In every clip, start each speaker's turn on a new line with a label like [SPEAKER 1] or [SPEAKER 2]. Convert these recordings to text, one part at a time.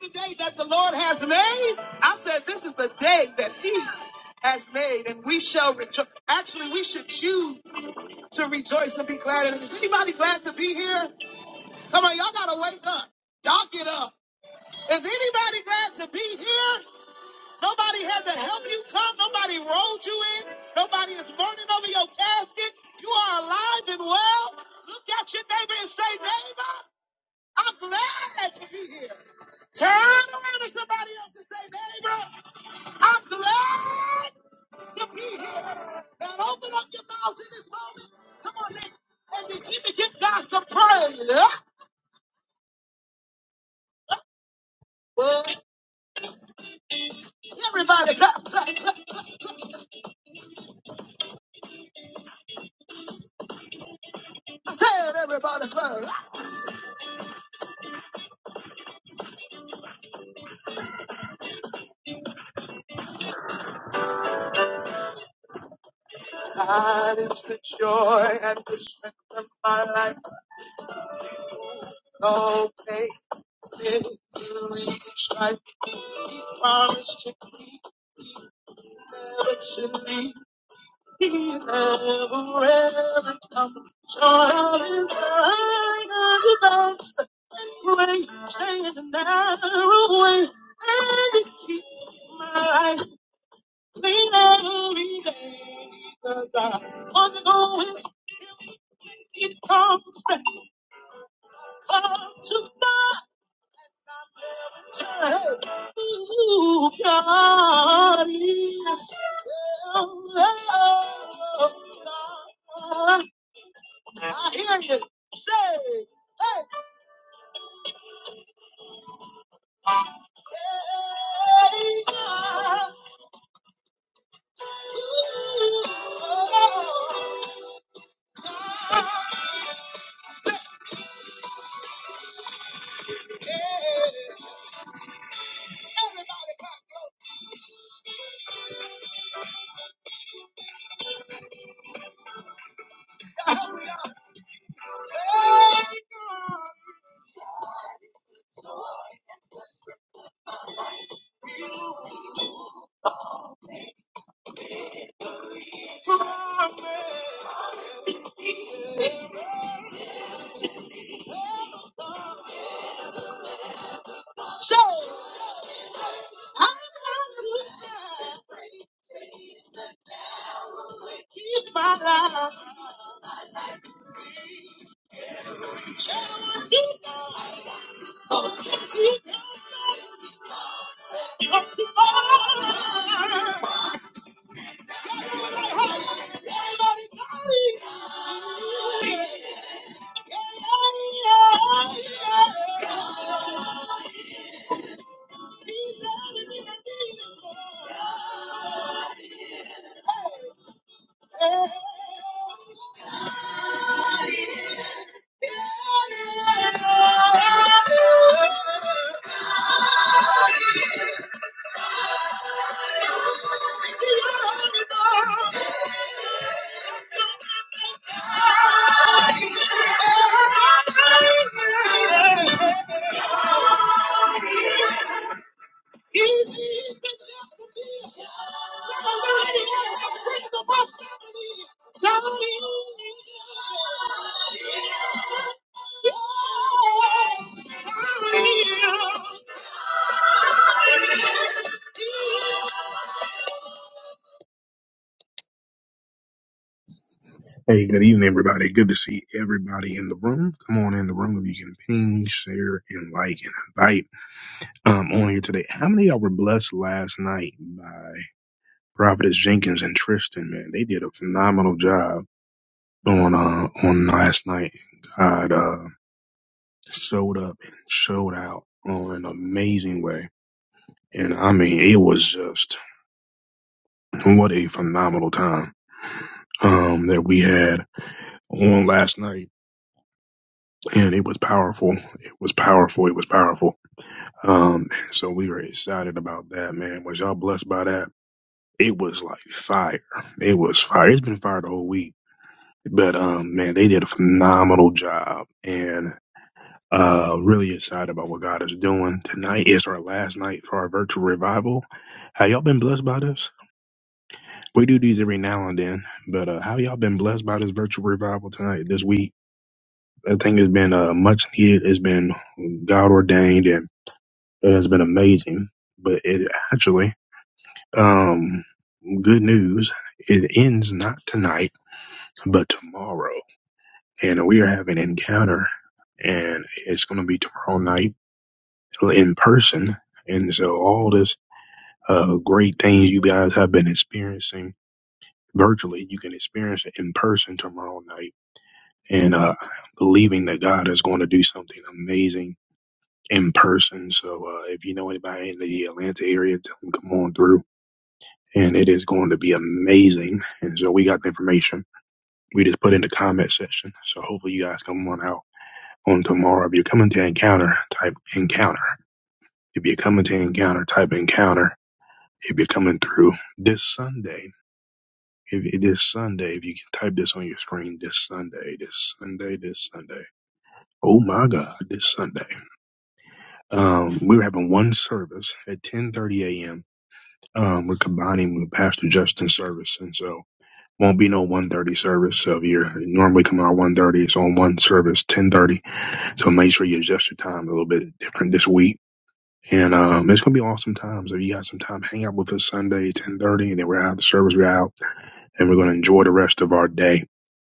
[SPEAKER 1] the day that the Lord has made. I said, this is the day that He has made, and we shall rejoice. Actually, we should choose to rejoice and be glad. in it. Is anybody glad to be here? Come on, y'all gotta wake up. Y'all get up. Is anybody glad to be here? Nobody had to help you come. Nobody rolled you in. Nobody is mourning over your casket. You are alive and well. Look at your neighbor and say, neighbor, I'm glad to be here. Turn to somebody else and say, neighbor, I'm glad to be here. Now open up your mouth in this moment. Come on, neighbor. And then give, give God some praise. Yeah? Well, everybody clap, clap, clap. I said everybody clap. God is the joy and the strength of my life. So faithful to each life. Promise to keep never to leave. He's never ever come. time. So how did I know the way? Change another way, and it keeps my life clean every day. Because I want to go with him when he comes back. Come to my return. Ooh, God is. Oh, oh, oh, God. I hear you say, hey, hey, God, ooh, oh, God. say everybody clap, Daddy, I want you, God. He's my life. You're too hard. Everybody, God. Yeah. Hey, good evening, everybody. Good to see everybody in the room. Come on in the room if you can ping, share, and like and invite. Um, on here today. How many of y'all were blessed last night by Prophetess Jenkins and Tristan? Man, they did a phenomenal job on uh on last night. God uh showed up and showed out on an amazing way. And I mean, it was just what a phenomenal time um that we had on last night. And it was powerful. It was powerful. It was powerful Um, so we were excited about that, man. Was y'all blessed by that? It was like fire. It was fire. It's been fire the whole week. But um, man, they did a phenomenal job and uh really excited about what God is doing. Tonight is our last night for our virtual revival. Have y'all been blessed by this? We do these every now and then, but uh how y'all been blessed by this virtual revival tonight, this week? I think it's been uh much needed, it's been God ordained and it has been amazing. But it actually Um, good news. It ends not tonight, but tomorrow. And we are having an encounter and it's going to be tomorrow night in person. And so all this, uh, great things you guys have been experiencing virtually, you can experience it in person tomorrow night. And, uh, I'm believing that God is going to do something amazing in person. So, uh, if you know anybody in the Atlanta area, tell them come on through and it is going to be amazing. And so we got the information we just put in the comment section. So hopefully you guys come on out on tomorrow. If you're coming to encounter, type encounter. If you're coming to encounter, type encounter. If you're coming through this Sunday, if it is Sunday, if you can type this on your screen, this Sunday, this Sunday, this Sunday. Oh my God, this Sunday. Um, we were having one service at 10:30 a.m. Um, we're combining with Pastor Justin's service, and so Won't be no one thirty service. So if you're normally coming out one thirty, it's on one service ten thirty. So make sure you adjust your time a little bit different this week. And um, it's gonna be awesome times. If you got some time, hang out with us Sunday ten thirty, and then we're out. The service we're out, and we're gonna enjoy the rest of our day.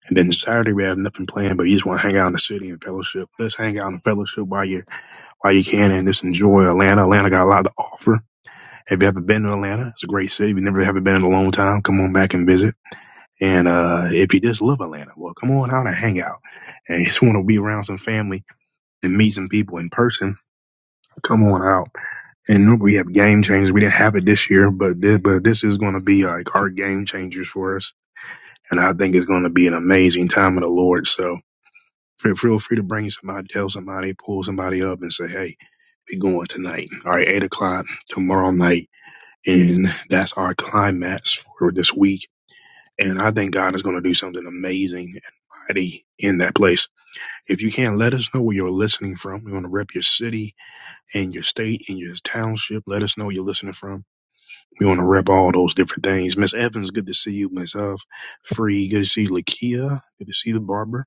[SPEAKER 1] And then Saturday we have nothing planned, but you just want to hang out in the city and fellowship. Let's hang out in fellowship while you while you can, and just enjoy Atlanta. Atlanta got a lot to offer. If you haven't been to Atlanta, it's a great city. If you never haven't been in a long time, come on back and visit. And uh, if you just love Atlanta, well, come on out and hang out. And you just want to be around some family and meet some people in person, come on out. And we have game changers. We didn't have it this year, but this, but this is going to be like our game changers for us. And I think it's going to be an amazing time of the Lord. So feel feel free to bring somebody, tell somebody, pull somebody up and say, hey, we going tonight. All right, 8 o'clock tomorrow night. And that's our climax for this week And I think God is going to do something amazing and mighty in that place. If you can, let us know where you're listening from. We want to rep your city and your state and your township. Let us know where you're listening from. We want to rep all those different things. Miss Evans, good to see you. Miss Huff, Free, good to see you. Lakia, good to see you. Barbara,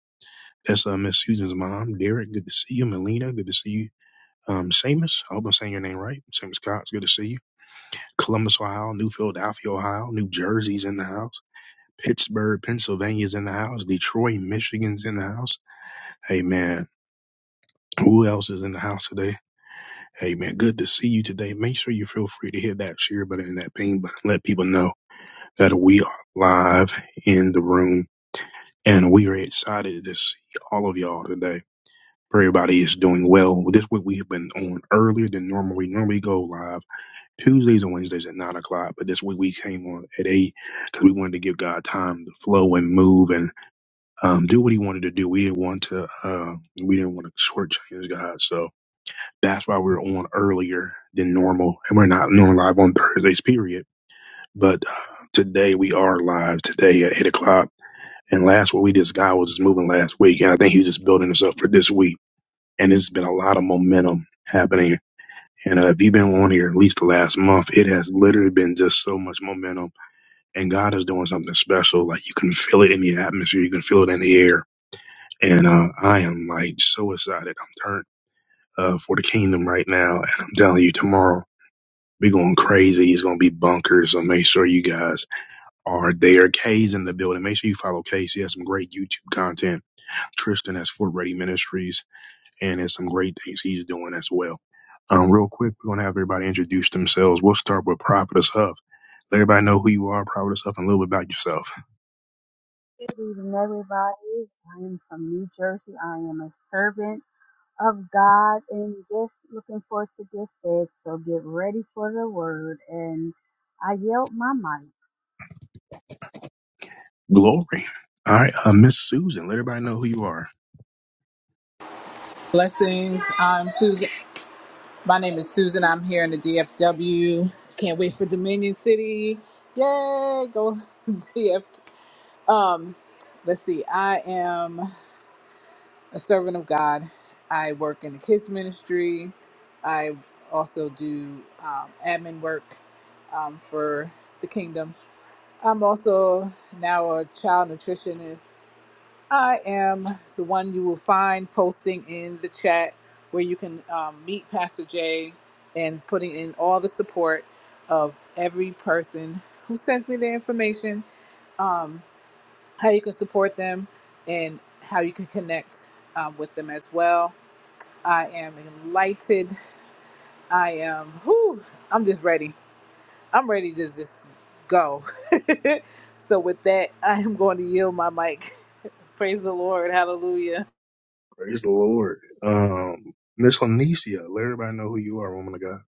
[SPEAKER 1] that's uh, Miss Susan's mom. Derek, good to see you. Melina, good to see you. Um, Seamus, I hope I'm saying your name right. Seamus Cox, good to see you. Columbus, Ohio, New Philadelphia, Ohio, New Jersey's in the house. Pittsburgh, Pennsylvania's in the house. Detroit, Michigan's in the house. Hey man, who else is in the house today? Hey man, good to see you today. Make sure you feel free to hit that share button and that ping button. Let people know that we are live in the room and we are excited to see all of y'all today. Pray everybody is doing well. This week we have been on earlier than normal. We normally go live Tuesdays and Wednesdays at nine o'clock, but this week we came on at eight because we wanted to give God time to flow and move. and. um, do what he wanted to do. We didn't want to, uh, we didn't want to shortchange God. So that's why we're on earlier than normal. And we're not normally live on Thursdays, period. But uh, today we are live today at eight o'clock. And last week, we just, God was just moving last week. And I think he was just building us up for this week. And it's been a lot of momentum happening. And uh, if you've been on here at least the last month, it has literally been just so much momentum. And God is doing something special. Like you can feel it in the atmosphere. You can feel it in the air and uh, I am like so excited. I'm turned uh, for the kingdom right now, and I'm telling you, tomorrow be going crazy. It's gonna be bunkers. So make sure you guys are there. K's in the building. Make sure you follow K. He has some great YouTube content. Tristan has Fort Ready Ministries, and there's some great things he's doing as well. Um, real quick, we're gonna have everybody introduce themselves. We'll start with Prophetess Huff. Let everybody know who you are, Prophetess Huff, and a little bit about yourself.
[SPEAKER 2] Good evening, everybody. I am from New Jersey. I am a servant of God and just looking forward to get fed. So get ready for the word. And I yelled my mic.
[SPEAKER 1] Glory. All right, uh, Miss Susan. Let everybody know who you are.
[SPEAKER 3] Blessings. I'm Susan. My name is Susan. I'm here in the DFW. Can't wait for Dominion City. Yay! Go DF. Um, let's see. I am a servant of God. I work in the kids ministry. I also do um, admin work um, for the kingdom. I'm also now a child nutritionist I am the one you will find posting in the chat where you can um, meet Pastor Jay and putting in all the support of every person who sends me their information, um, how you can support them, and how you can connect um, with them as well. I am enlightened. I am, whew, I'm just ready. I'm ready to just go. so, with that, I am going to yield my mic. Praise the Lord. Hallelujah.
[SPEAKER 1] Praise the Lord. Um, Miss Lanisha, let everybody know who you are, woman of God.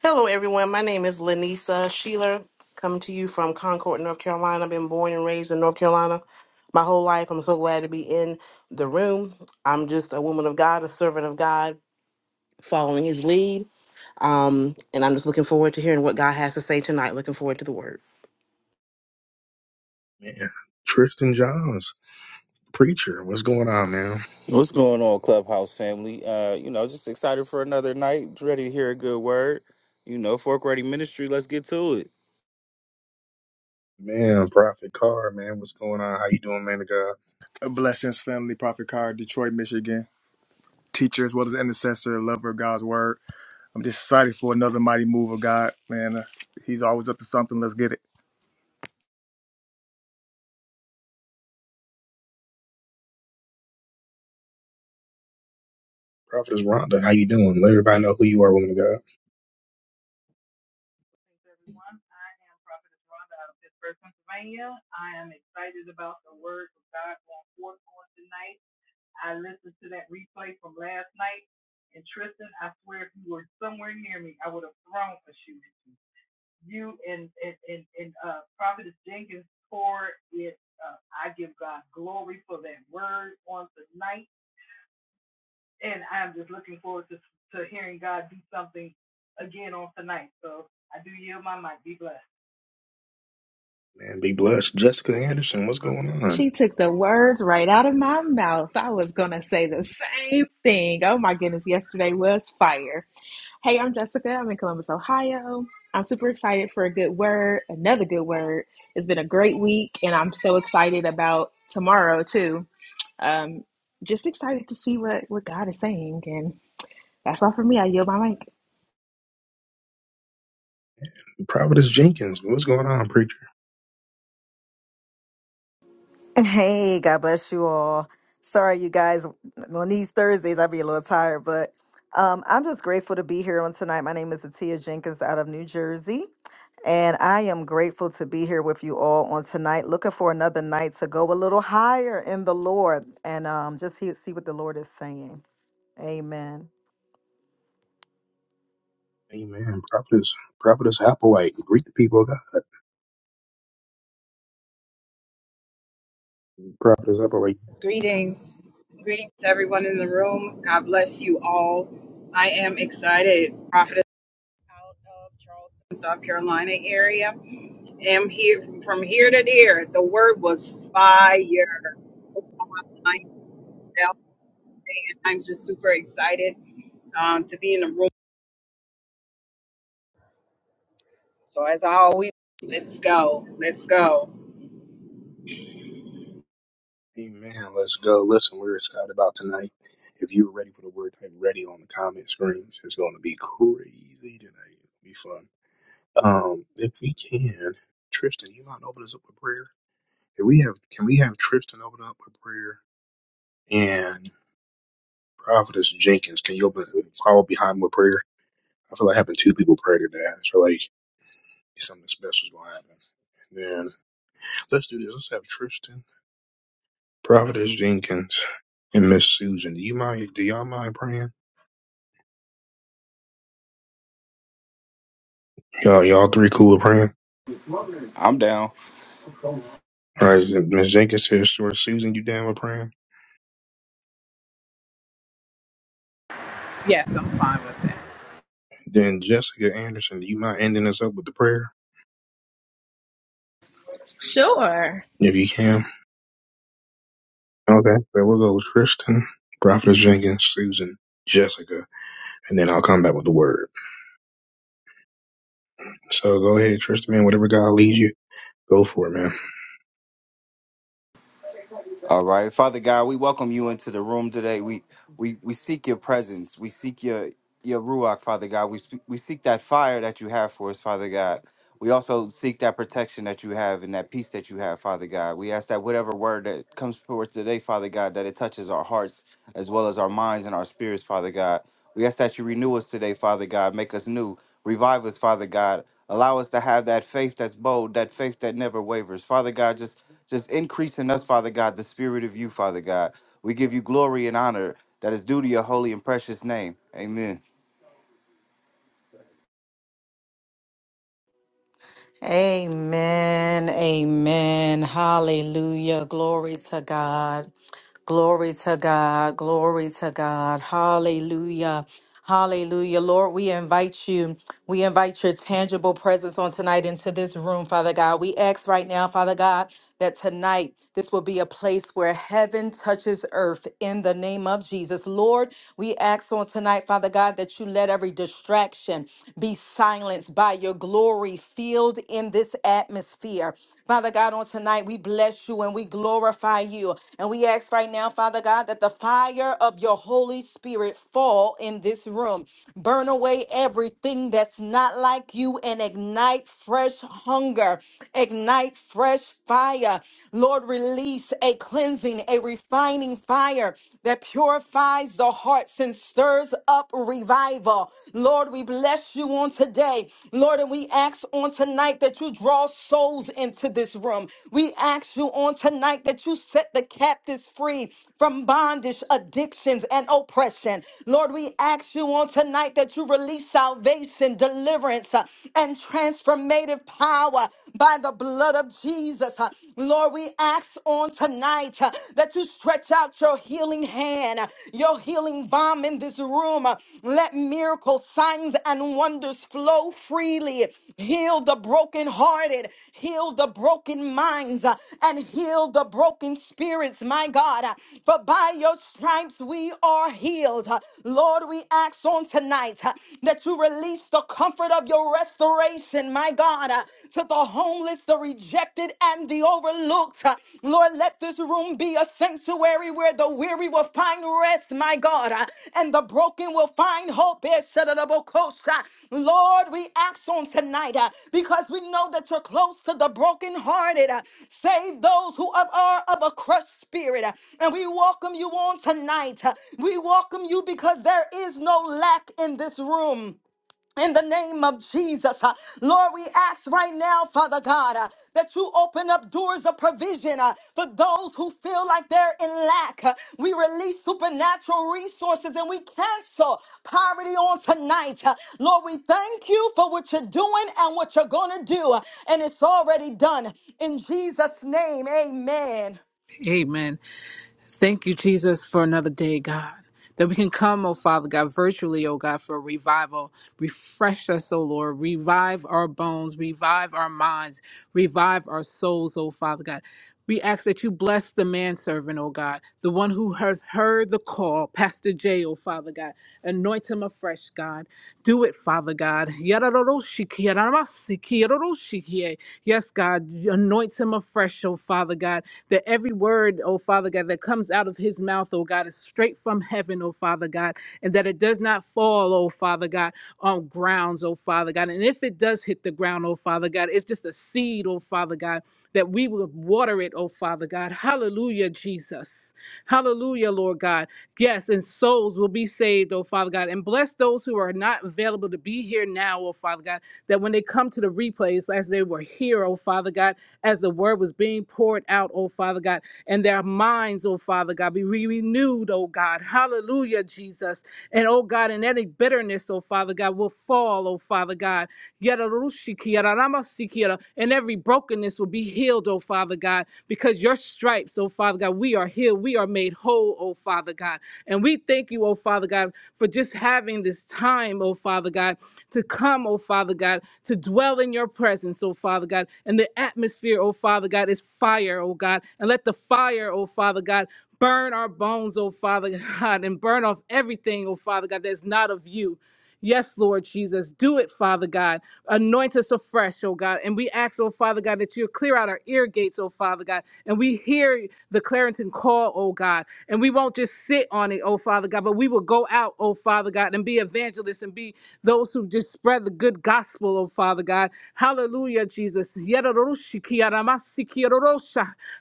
[SPEAKER 4] Hello, everyone. My name is Lanisa Sheeler, coming to you from Concord, North Carolina. I've been born and raised in North Carolina my whole life. I'm so glad to be in the room. I'm just a woman of God, a servant of God, following his lead. Um, and I'm just looking forward to hearing what God has to say tonight. Looking forward to the word.
[SPEAKER 1] Man, Tristan Johns, preacher, what's going on, man?
[SPEAKER 5] What's going on, Clubhouse family? Uh, you know, just excited for another night. Ready to hear a good word. You know, Fork Ready Ministry. Let's get to it.
[SPEAKER 1] Man, Prophet Carr, man, what's going on? How you doing, man of God?
[SPEAKER 6] Blessings, family, Prophet Car, Detroit, Michigan. Teacher as well as intercessor, lover of God's word. I'm just excited for another mighty move of God, man. Uh, he's always up to something. Let's get it.
[SPEAKER 1] Prophetess Rhonda, how you doing? Let everybody know who you are, woman of God.
[SPEAKER 7] everyone. I am Prophetess Rhonda out of Pittsburgh, Pennsylvania. I am excited about the word of God going forth on tonight. I listened to that replay from last night, and Tristan, I swear, if you were somewhere near me, I would have thrown a shoe at you. You and and and, and uh, Prophetess Jenkins poured it. Uh, I give God glory for that word on tonight, and I'm just looking forward to to hearing God do something again on tonight. So I do yield my mic. Be blessed.
[SPEAKER 1] Man, be blessed. Jessica Anderson, what's going
[SPEAKER 8] She
[SPEAKER 1] on?
[SPEAKER 8] took the words right out of my mouth. I was going to say the same thing. Oh my goodness, yesterday was fire. Hey, I'm Jessica. I'm in Columbus, Ohio. I'm super excited for a good word, another good word. It's been a great week, and I'm so excited about tomorrow, too. Um, just excited to see what, what God is saying. And that's all for me. I yield my mic.
[SPEAKER 1] Prophetess Jenkins, what's going on, preacher?
[SPEAKER 9] Hey, God bless you all. Sorry, you guys, on these Thursdays, i be a little tired, but um, I'm just grateful to be here on tonight. My name is Atia Jenkins out of New Jersey, and I am grateful to be here with you all on tonight. Looking for another night to go a little higher in the Lord and um, just see, see what the Lord is saying. Amen.
[SPEAKER 1] Amen. Prophetess, Prophetess Applewhite, greet the people of God. Prophetess Applewhite.
[SPEAKER 10] Yes, Greetings. Greetings to everyone in the room. God bless you all. I am excited. Prophetess out of Charleston, South Carolina area. Am here from here to there. The word was fire. Like, and I'm just super excited um, to be in the room. So as always, let's go. Let's go.
[SPEAKER 1] Amen. Let's go. Listen, we're excited about tonight. If you're ready for the word, hit ready on the comment screens. It's going to be crazy tonight. It'll be fun. Um, if we can, Tristan, you mind open us up with prayer? If we have, can we have Tristan open up with prayer? And Prophetess Jenkins, can you open, follow behind with prayer? I feel like having two people pray today. I feel like something special is going to happen. And then let's do this. Let's have Tristan, Prophetess Jenkins, and Miss Susan. Do you mind? Do y'all mind praying? Y'all, y'all three cool with praying.
[SPEAKER 5] I'm down.
[SPEAKER 1] All right, Miss Jenkins says, "Sure, Susan, you down with praying?"
[SPEAKER 3] Yes, I'm fine with that.
[SPEAKER 1] Then Jessica Anderson, do you mind ending us up with the prayer
[SPEAKER 8] Sure.
[SPEAKER 1] if you can? Okay, so we'll go with Tristan, Prophetess Jenkins, Susan, Jessica, and then I'll come back with the word. So go ahead, Tristan, man. Whatever God leads you, go for it, man.
[SPEAKER 5] All right, Father God, we welcome you into the room today. We we we seek your presence. We seek your your ruach, Father God. We sp- we seek that fire that you have for us, Father God. We also seek that protection that you have and that peace that you have, Father God. We ask that whatever word that comes forth today, Father God, that it touches our hearts as well as our minds and our spirits, Father God. We ask that you renew us today, Father God. Make us new. Revive us, Father God. Allow us to have that faith that's bold, that faith that never wavers. Father God, just just increase in us, Father God, the spirit of you, Father God. We give you glory and honor that is due to your holy and precious name. Amen.
[SPEAKER 9] Amen. Amen. Hallelujah. Glory to God. Glory to God. Glory to God. Hallelujah. Hallelujah. Lord, we invite you. We invite your tangible presence on tonight into this room, Father God. We ask right now, Father God, that tonight this will be a place where heaven touches earth in the name of Jesus. Lord, we ask on tonight, Father God, that you let every distraction be silenced by your glory field in this atmosphere atmosphere. Father God, on tonight, we bless you and we glorify you. And we ask right now, Father God, that the fire of your Holy Spirit fall in this room. Burn away everything that's not like you and ignite fresh hunger, ignite fresh fire. Lord, release a cleansing, a refining fire that purifies the hearts and stirs up revival. Lord, we bless you on today. Lord, and we ask on tonight that you draw souls into this room. We ask you on tonight that you set the captives free from bondage, addictions, and oppression. Lord, we ask you on tonight that you release salvation, deliverance, uh, and transformative power by the blood of Jesus. Uh, Lord, we ask on tonight uh, that you stretch out your your healing hand, your healing balm in this room. Let miracles, signs, and wonders flow freely. Heal the brokenhearted, heal the broken minds, uh, and heal the broken spirits, my God. Uh, For by your stripes we are healed. Uh, Lord, we ask on tonight uh, that you release the comfort of your restoration, my God, uh, to the homeless, the redeemed rejected and the overlooked. Uh, Lord, let this room be a sanctuary where the weary will find rest, my God, uh, and the broken will find hope. Eh, shadadabokosha. Lord, we ask on tonight uh, because we know that you're close to the brokenhearted. uh, Save those who of- are of a crushed spirit. uh, And we welcome you on tonight. uh, We welcome you because there is no lack in this room in the name of Jesus. Uh, Lord, we ask right now, Father God, uh, that you open up doors of provision uh, for those who feel like they're in lack. Uh, we release supernatural resources and we cancel poverty on tonight. Uh, Lord, we thank you for what you're doing and what you're going to do. Uh, and it's already done. In Jesus' name, amen.
[SPEAKER 3] Amen. Thank you, Jesus, for another day, God. That we can come, oh Father God, virtually, oh God, for revival. Refresh us, oh Lord. Revive our bones. Revive our minds. Revive our souls, oh Father God. We ask that you bless the manservant, oh God, the one who has heard the call, Pastor J, oh Father God. Anoint him afresh, God. Do it, Father God. Yaroroshikie, rarasikie, roroshikie. Yes, God, anoint him afresh, oh Father God, that every word, oh Father God, that comes out of his mouth, oh God, is straight from heaven, oh Father God, and that it does not fall, oh Father God, on grounds, oh Father God. And if it does hit the ground, oh Father God, it's just a seed, oh Father God, that we will water it, oh Father God. Hallelujah, Jesus. Hallelujah, Lord God. Yes, and souls will be saved, oh Father God. And bless those who are not available to be here now, oh Father God, that when they come to the replays, as they were here, oh Father God, as the word was being poured out, oh Father God, and their minds, oh Father God, be re- renewed, oh God. Hallelujah, Jesus. And oh God, and any bitterness, oh Father God, will fall, oh Father God. Yadarushikiyararamasikiyara, And every brokenness will be healed, oh Father God, because your stripes, oh Father God, we are healed. We are made whole, oh Father God. And we thank you, oh Father God, for just having this time, oh Father God, to come, oh Father God, to dwell in your presence, oh Father God. And the atmosphere, oh Father God, is fire, oh God. And let the fire, oh Father God, burn our bones, oh Father God, and burn off everything, oh Father God, that's not of you. Yes, Lord Jesus. Do it, Father God. Anoint us afresh, oh God. And we ask, oh Father God, that you clear out our ear gates, oh Father God. And we hear hear the Clarington call, oh God, and we won't just sit on it, oh Father God, but we will go out, oh Father God, and be evangelists and be those who just spread the good gospel, oh Father God. Hallelujah, Jesus.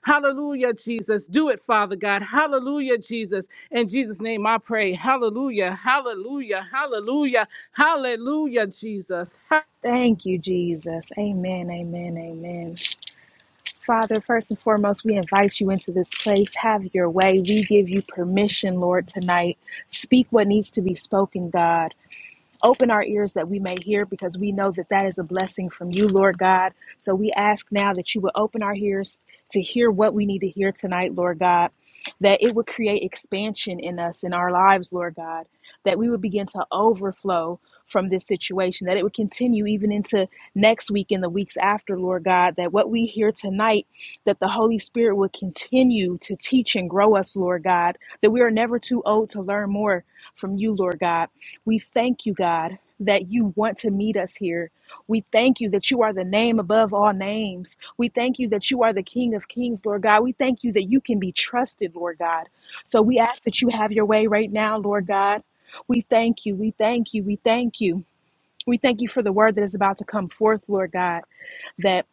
[SPEAKER 3] Hallelujah, Jesus. Do it, Father God. Hallelujah, Jesus. In Jesus' name I pray. Hallelujah, hallelujah, hallelujah, hallelujah, Jesus.
[SPEAKER 8] Thank you, Jesus. Amen, amen, amen. Father, first and foremost, we invite you into this place. Have your way. We give you permission, Lord, tonight. Speak what needs to be spoken, God. Open our ears that we may hear because we know that that is a blessing from you, Lord God. So we ask now that you would open our ears to hear what we need to hear tonight, Lord God, that it would create expansion in us, in our lives, Lord God, that we would begin to overflow from this situation, that it would continue even into next week and the weeks after, Lord God, that what we hear tonight, that the Holy Spirit would continue to teach and grow us, Lord God, that we are never too old to learn more from you, Lord God we thank you, God, that you want to meet us here. We thank you that you are the name above all names. We thank you that you are the King of kings, Lord God. We thank you that you can be trusted, Lord God. So we ask that you have your way right now, Lord God. We thank you. We thank you. We thank you. We thank you for the word that is about to come forth, Lord God, that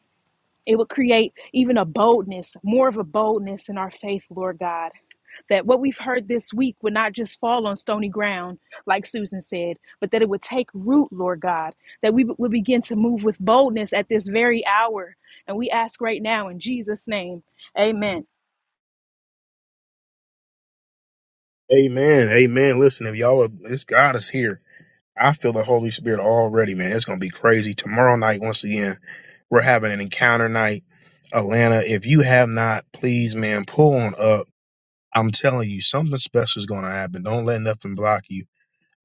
[SPEAKER 8] it will create even a boldness, more of a boldness in our faith, Lord God that what we've heard this week would not just fall on stony ground, like Susan said, but that it would take root, Lord God, that we would begin to move with boldness at this very hour. And we ask right now in Jesus' name, amen.
[SPEAKER 1] Amen. Amen. Listen, if y'all, are, this God is here. I feel the Holy Spirit already, man. It's gonna be crazy. Tomorrow night, once again, we're having an encounter night. Atlanta, if you have not, please, man, pull on up. I'm telling you, something special is gonna happen. Don't let nothing block you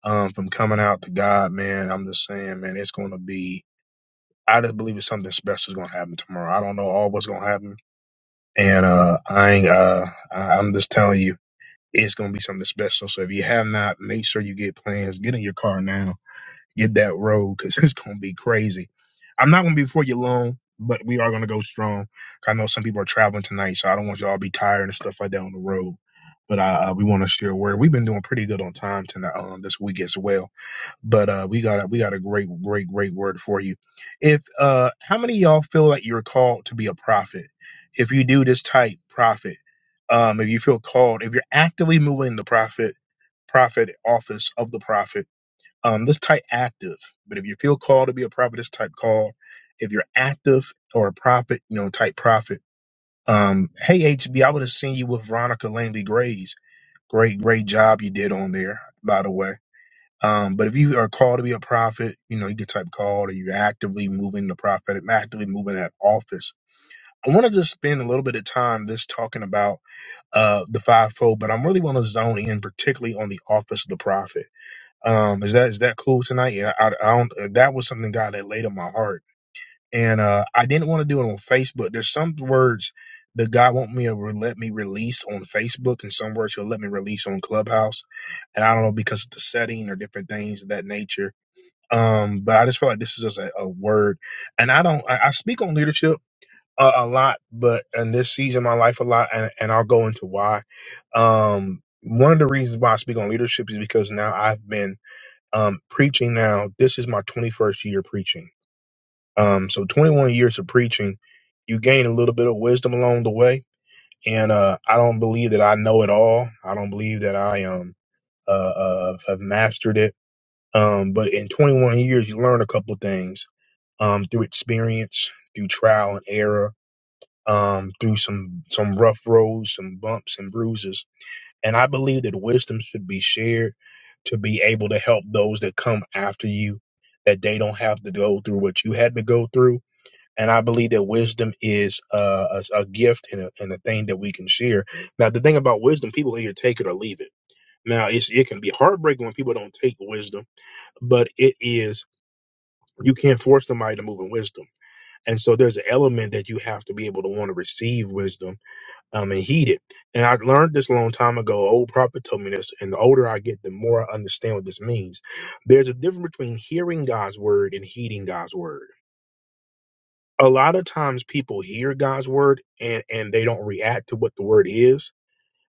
[SPEAKER 1] um from coming out to God, man. I'm just saying, man, it's gonna be I just believe it's something special is gonna happen tomorrow. I don't know all what's gonna happen. And uh I ain't uh I- I'm just telling you, it's gonna be something special. So if you have not, make sure you get plans. Get in your car now get that road because it's gonna be crazy. I'm not gonna be before you long, but we are gonna go strong. I know some people are traveling tonight, so I don't want y'all to be tired and stuff like that on the road. But uh, uh, we want to share where we've been doing pretty good on time tonight um, this week as well. But uh, we got a, we got a great great great word for you. If uh, how many of y'all feel like you're called to be a prophet? If you do this type prophet, um, if you feel called, if you're actively moving the prophet prophet office of the prophet um, this type active, but if you feel called to be a prophet, this type called. If you're active or a prophet, you know, type prophet. Um, hey H B, I would have seen you with Veronica Langley Grays. Great, great job you did on there, by the way. Um, but if you are called to be a prophet, you know, you can type called or you're actively moving the prophetic, actively moving that office. I want to just spend a little bit of time this talking about uh the fivefold, but I'm really want to zone in particularly on the office of the prophet um, is that is that cool tonight? Yeah, I, I don't. uh, That was something God had laid on my heart, and uh, I didn't want to do it on Facebook. There's some words that God want me to re- let me release on Facebook, and some words He'll let me release on Clubhouse, and I don't know because of the setting or different things of that nature. Um, but I just feel like this is just a, a word, and I don't. I, I speak on leadership a, a lot, but in this season of my life a lot, and, and I'll go into why. Um, one of the reasons why I speak on leadership is because now I've been um, preaching now, this is my 21st year preaching. Um, so 21 years of preaching, you gain a little bit of wisdom along the way. And uh, I don't believe that I know it all. I don't believe that I um uh, uh have mastered it. Um, but in 21 years, you learn a couple things um through experience, through trial and error, um through some some rough roads, some bumps and bruises and I believe that wisdom should be shared to be able to help those that come after you, that they don't have to go through what you had to go through. And I believe that wisdom is uh, a, a gift and a, and a thing that we can share. Now, the thing about wisdom, people either take it or leave it. Now, it's, it can be heartbreaking when people don't take wisdom, but it is, you can't force somebody to move in wisdom. And so there's an element that you have to be able to want to receive wisdom um, and heated. And I learned this a long time ago. Old prophet told me this, and the older I get, the more I understand what this means. There's a difference between hearing God's word and heeding God's word. A lot of times people hear God's word and, and they don't react to what the word is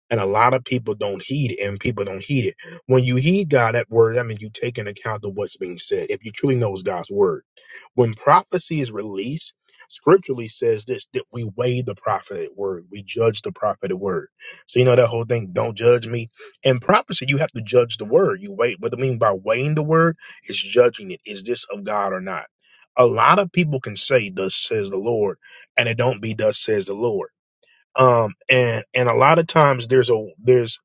[SPEAKER 1] and a lot of people don't heed it, and people don't heed it. When you heed God, that word, I mean, you take into account of what's being said. If you truly knows God's word, when prophecy is released, scripturally says this: that we weigh the prophetic word, we judge the prophetic word. So you know that whole thing, don't judge me. In prophecy, you have to judge the word. You weigh. What I mean by weighing the word is judging it. Is this of God or not? A lot of people can say, "Thus says the Lord," and it don't be "Thus says the Lord." um and and a lot of times there's a there's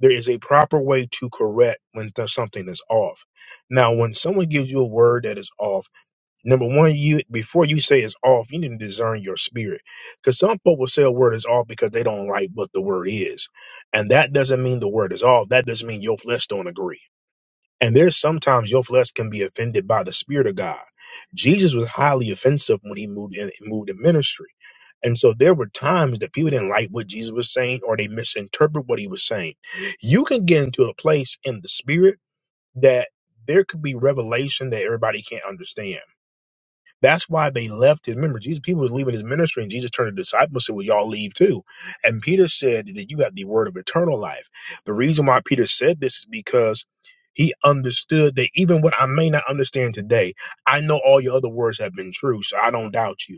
[SPEAKER 1] there is a proper way to correct when th- something is off now when someone gives you a word that is off number one you before you say it's off you need to discern your spirit because some folk will say a word is off because they don't like what the word is and that doesn't mean the word is off that doesn't mean your flesh don't agree and there's sometimes your flesh can be offended by the Spirit of God. Jesus was highly offensive when he moved in moved in ministry. And so there were times that people didn't like what Jesus was saying or they misinterpret what he was saying. You can get into a place in the spirit that there could be revelation that everybody can't understand. That's why they left. And remember, Jesus, people were leaving his ministry, and Jesus turned to the disciples and said, Well, y'all leave too. And Peter said that you have the word of eternal life. The reason why Peter said this is because he understood that even what I may not understand today, I know all your other words have been true, so I don't doubt you.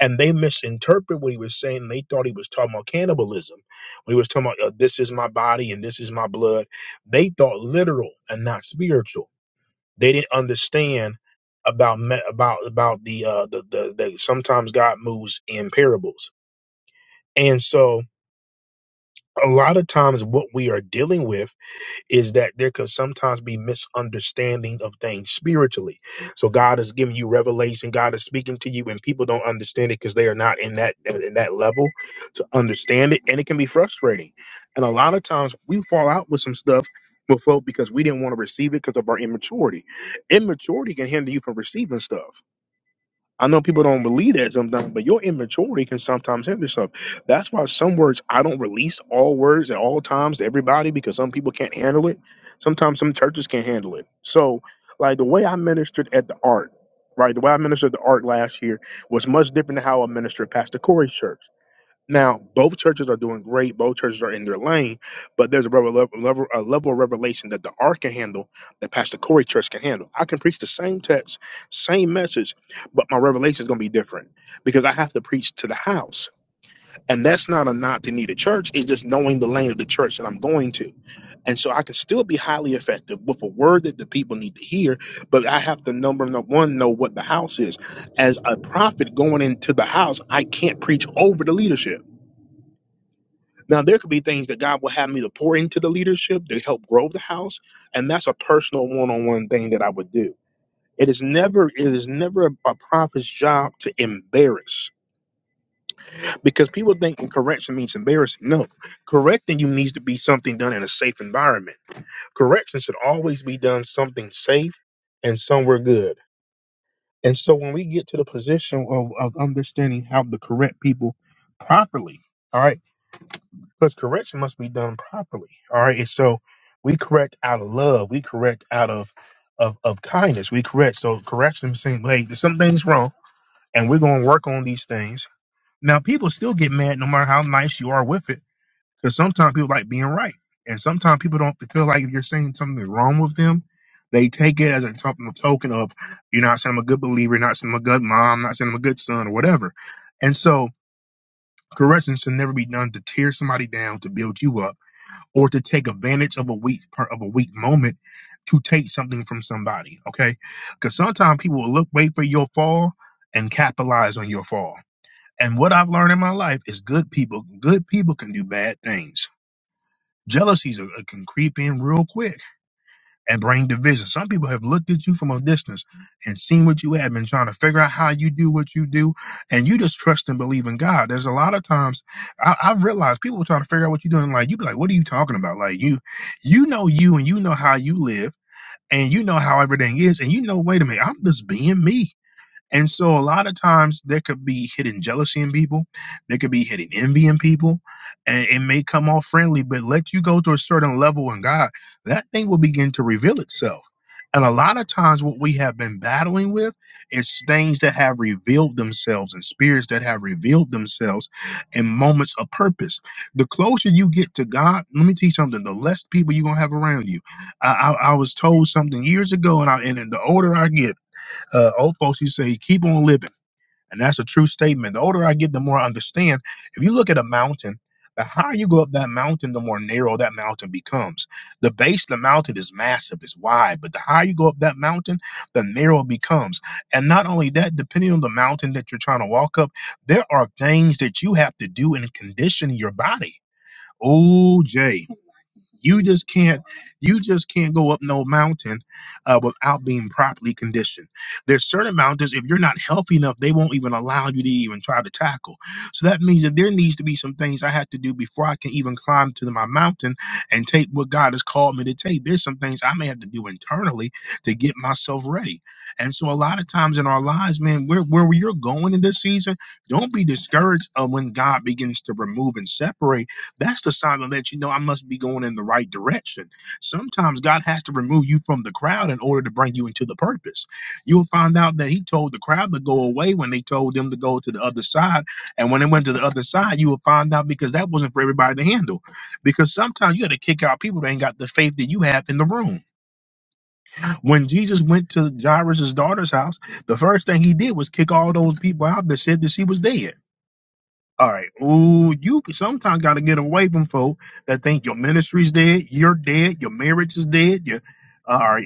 [SPEAKER 1] And they misinterpreted what he was saying. They thought he was talking about cannibalism. When he was talking about, uh, this is my body and this is my blood. They thought literal and not spiritual. They didn't understand about me- about about the uh the, the the sometimes God moves in parables. And so a lot of times what we are dealing with is that there could sometimes be misunderstanding of things spiritually. So God is giving you revelation, God is speaking to you, and people don't understand it because they are not in that in that level to understand it, and it can be frustrating. And a lot of times we fall out with some stuff with folk because we didn't want to receive it because of our immaturity. Immaturity can hinder you from receiving stuff. I know people don't believe that sometimes, but your immaturity can sometimes hinder stuff. That's why some words I don't release all words at all times to everybody because some people can't handle it. Sometimes some churches can't handle it. So, like the way I ministered at the art, right? The way I ministered at the art last year was much different than how I ministered at Pastor Corey's church. Now, both churches are doing great. Both churches are in their lane, but there's a level, level, a level of revelation that the Ark can handle, that Pastor Corey Church can handle. I can preach the same text, same message, but my revelation is going to be different because I have to preach to the house. And that's not a knock to need a church. It's just knowing the lane of the church that I'm going to. And so I can still be highly effective with a word that the people need to hear, but I have to number no, one know what the house is. As a prophet going into the house, I can't preach over the leadership. Now, there could be things that God will have me to pour into the leadership to help grow the house, and that's a personal one-on-one thing that I would do. It is never, it is never a, a prophet's job to embarrass, because people think correction means embarrassing. No, correcting you needs to be something done in a safe environment. Correction should always be done something safe and somewhere good. And so, when we get to the position of, of understanding how to correct people properly, all right. because correction must be done properly. All right, and so we correct out of love, we correct out of of, of kindness, we correct. So correction is saying, hey, there's some things wrong, and we're going to work on these things. Now, people still get mad no matter how nice you are with it, because sometimes people like being right, and sometimes people don't feel like you're saying something is wrong with them. They take it as a token token of you're not saying I'm a good believer, you're not saying I'm a good mom, not saying I'm a good son, or whatever. And so corrections should never be done to tear somebody down to build you up or to take advantage of a weak per, of a weak moment to take something from somebody. Okay, because sometimes people will look wait for your fall and capitalize on your fall. And what I've learned in my life is good people good people can do bad things. Jealousies are, uh, can creep in real quick and bring division. Some people have looked at you from a distance and seen what you have been trying to figure out how you do what you do, and you just trust and believe in God. There's a lot of times I, I've realized people will try to figure out what you're doing. Like you be like, "What are you talking about?" Like you, you know you, and you know how you live, and you know how everything is, and you know, wait a minute, I'm just being me. And so a lot of times there could be hidden jealousy in people, there could be hidden envy in people, and it may come off friendly, but let you go to a certain level in God, that thing will begin to reveal itself. And a lot of times what we have been battling with is things that have revealed themselves and spirits that have revealed themselves in moments of purpose. The closer you get to God, let me teach you something, the less people you're gonna have around you. I, I, I was told something years ago, and, I, and the older I get, uh, old folks used to say, keep on living. And that's a true statement. The older I get, the more I understand. If you look at a mountain, the higher you go up that mountain, the more narrow that mountain becomes. The base of the mountain is massive, it's wide, but the higher you go up that mountain, the narrow it becomes. And not only that, depending on the mountain that you're trying to walk up, there are things that you have to do and condition your body. Oh, Jay. You just can't you just can't go up no mountain uh, without being properly conditioned. There's certain mountains if you're not healthy enough, they won't even allow you to even try to tackle. So that means that there needs to be some things I have to do before I can even climb to my mountain and take what God has called me to take. There's some things I may have to do internally to get myself ready. And so a lot of times in our lives, man, where where you're going in this season, don't be discouraged uh, when God begins to remove and separate that's the sign to let you know I must be going in the right direction. Sometimes God has to remove you from the crowd in order to bring you into the purpose. You'll find out that He told the crowd to go away when they told them to go to the other side. And when they went to the other side, you will find out because that wasn't for everybody to handle. Because sometimes you got to kick out people that ain't got the faith that you have in the room. When Jesus went to Jairus' daughter's house, the first thing he did was kick all those people out that said that she was dead. All right. Ooh, you sometimes got to get away from folk that think your ministry's dead, you're dead, your marriage is dead. Your, all right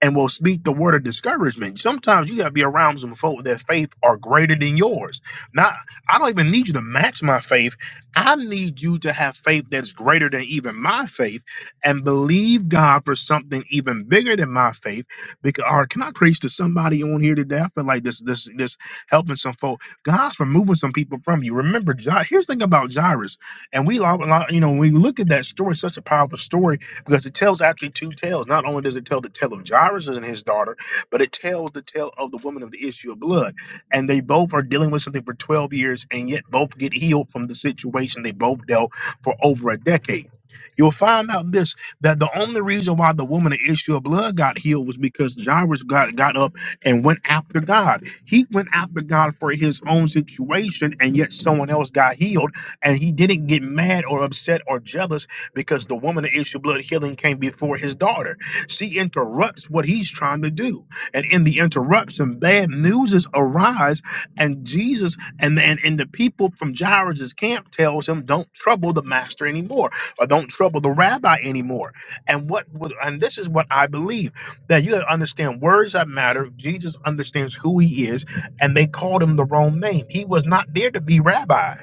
[SPEAKER 1] and will speak the word of discouragement. Sometimes you gotta be around some folk that faith are greater than yours. Not I don't even need you to match my faith. I need you to have faith that's greater than even my faith and believe God for something even bigger than my faith. Because or can I preach to somebody on here today? I feel like this this this helping some folk. God's removing some people from you. Remember, Jair, here's the thing about Jairus, and we lo- lo- you know, when we look at that story, such a powerful story because it tells actually two tales. Not only does it tell the tale of Jairus and his daughter, but it tells the tale of the woman of the issue of blood. And they both are dealing with something for 12 years and yet both get healed from the situation they both dealt for over a decade. You'll find out this that the only reason why the woman of issue of blood got healed was because Jairus got, got up and went after God. He went after God for his own situation, and yet someone else got healed, and he didn't get mad or upset or jealous because the woman of issue of blood healing came before his daughter. She interrupts what he's trying to do. And in the interruption, bad news arise and Jesus and, and, and the people from Jairus' camp tells him, don't trouble the master anymore or don't trouble the rabbi anymore. And what would, and this is what I believe that you gotta understand words that matter. Jesus understands who he is and they called him the wrong name. He was not there to be rabbi.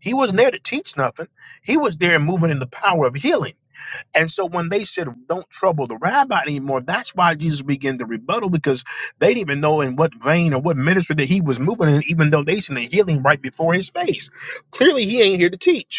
[SPEAKER 1] He wasn't there to teach nothing. He was there moving in the power of healing. And so when they said, don't trouble the rabbi anymore, that's why Jesus began to rebuttal because they didn't even know in what vein or what ministry that he was moving in, even though they seen the healing right before his face. Clearly, he ain't here to teach.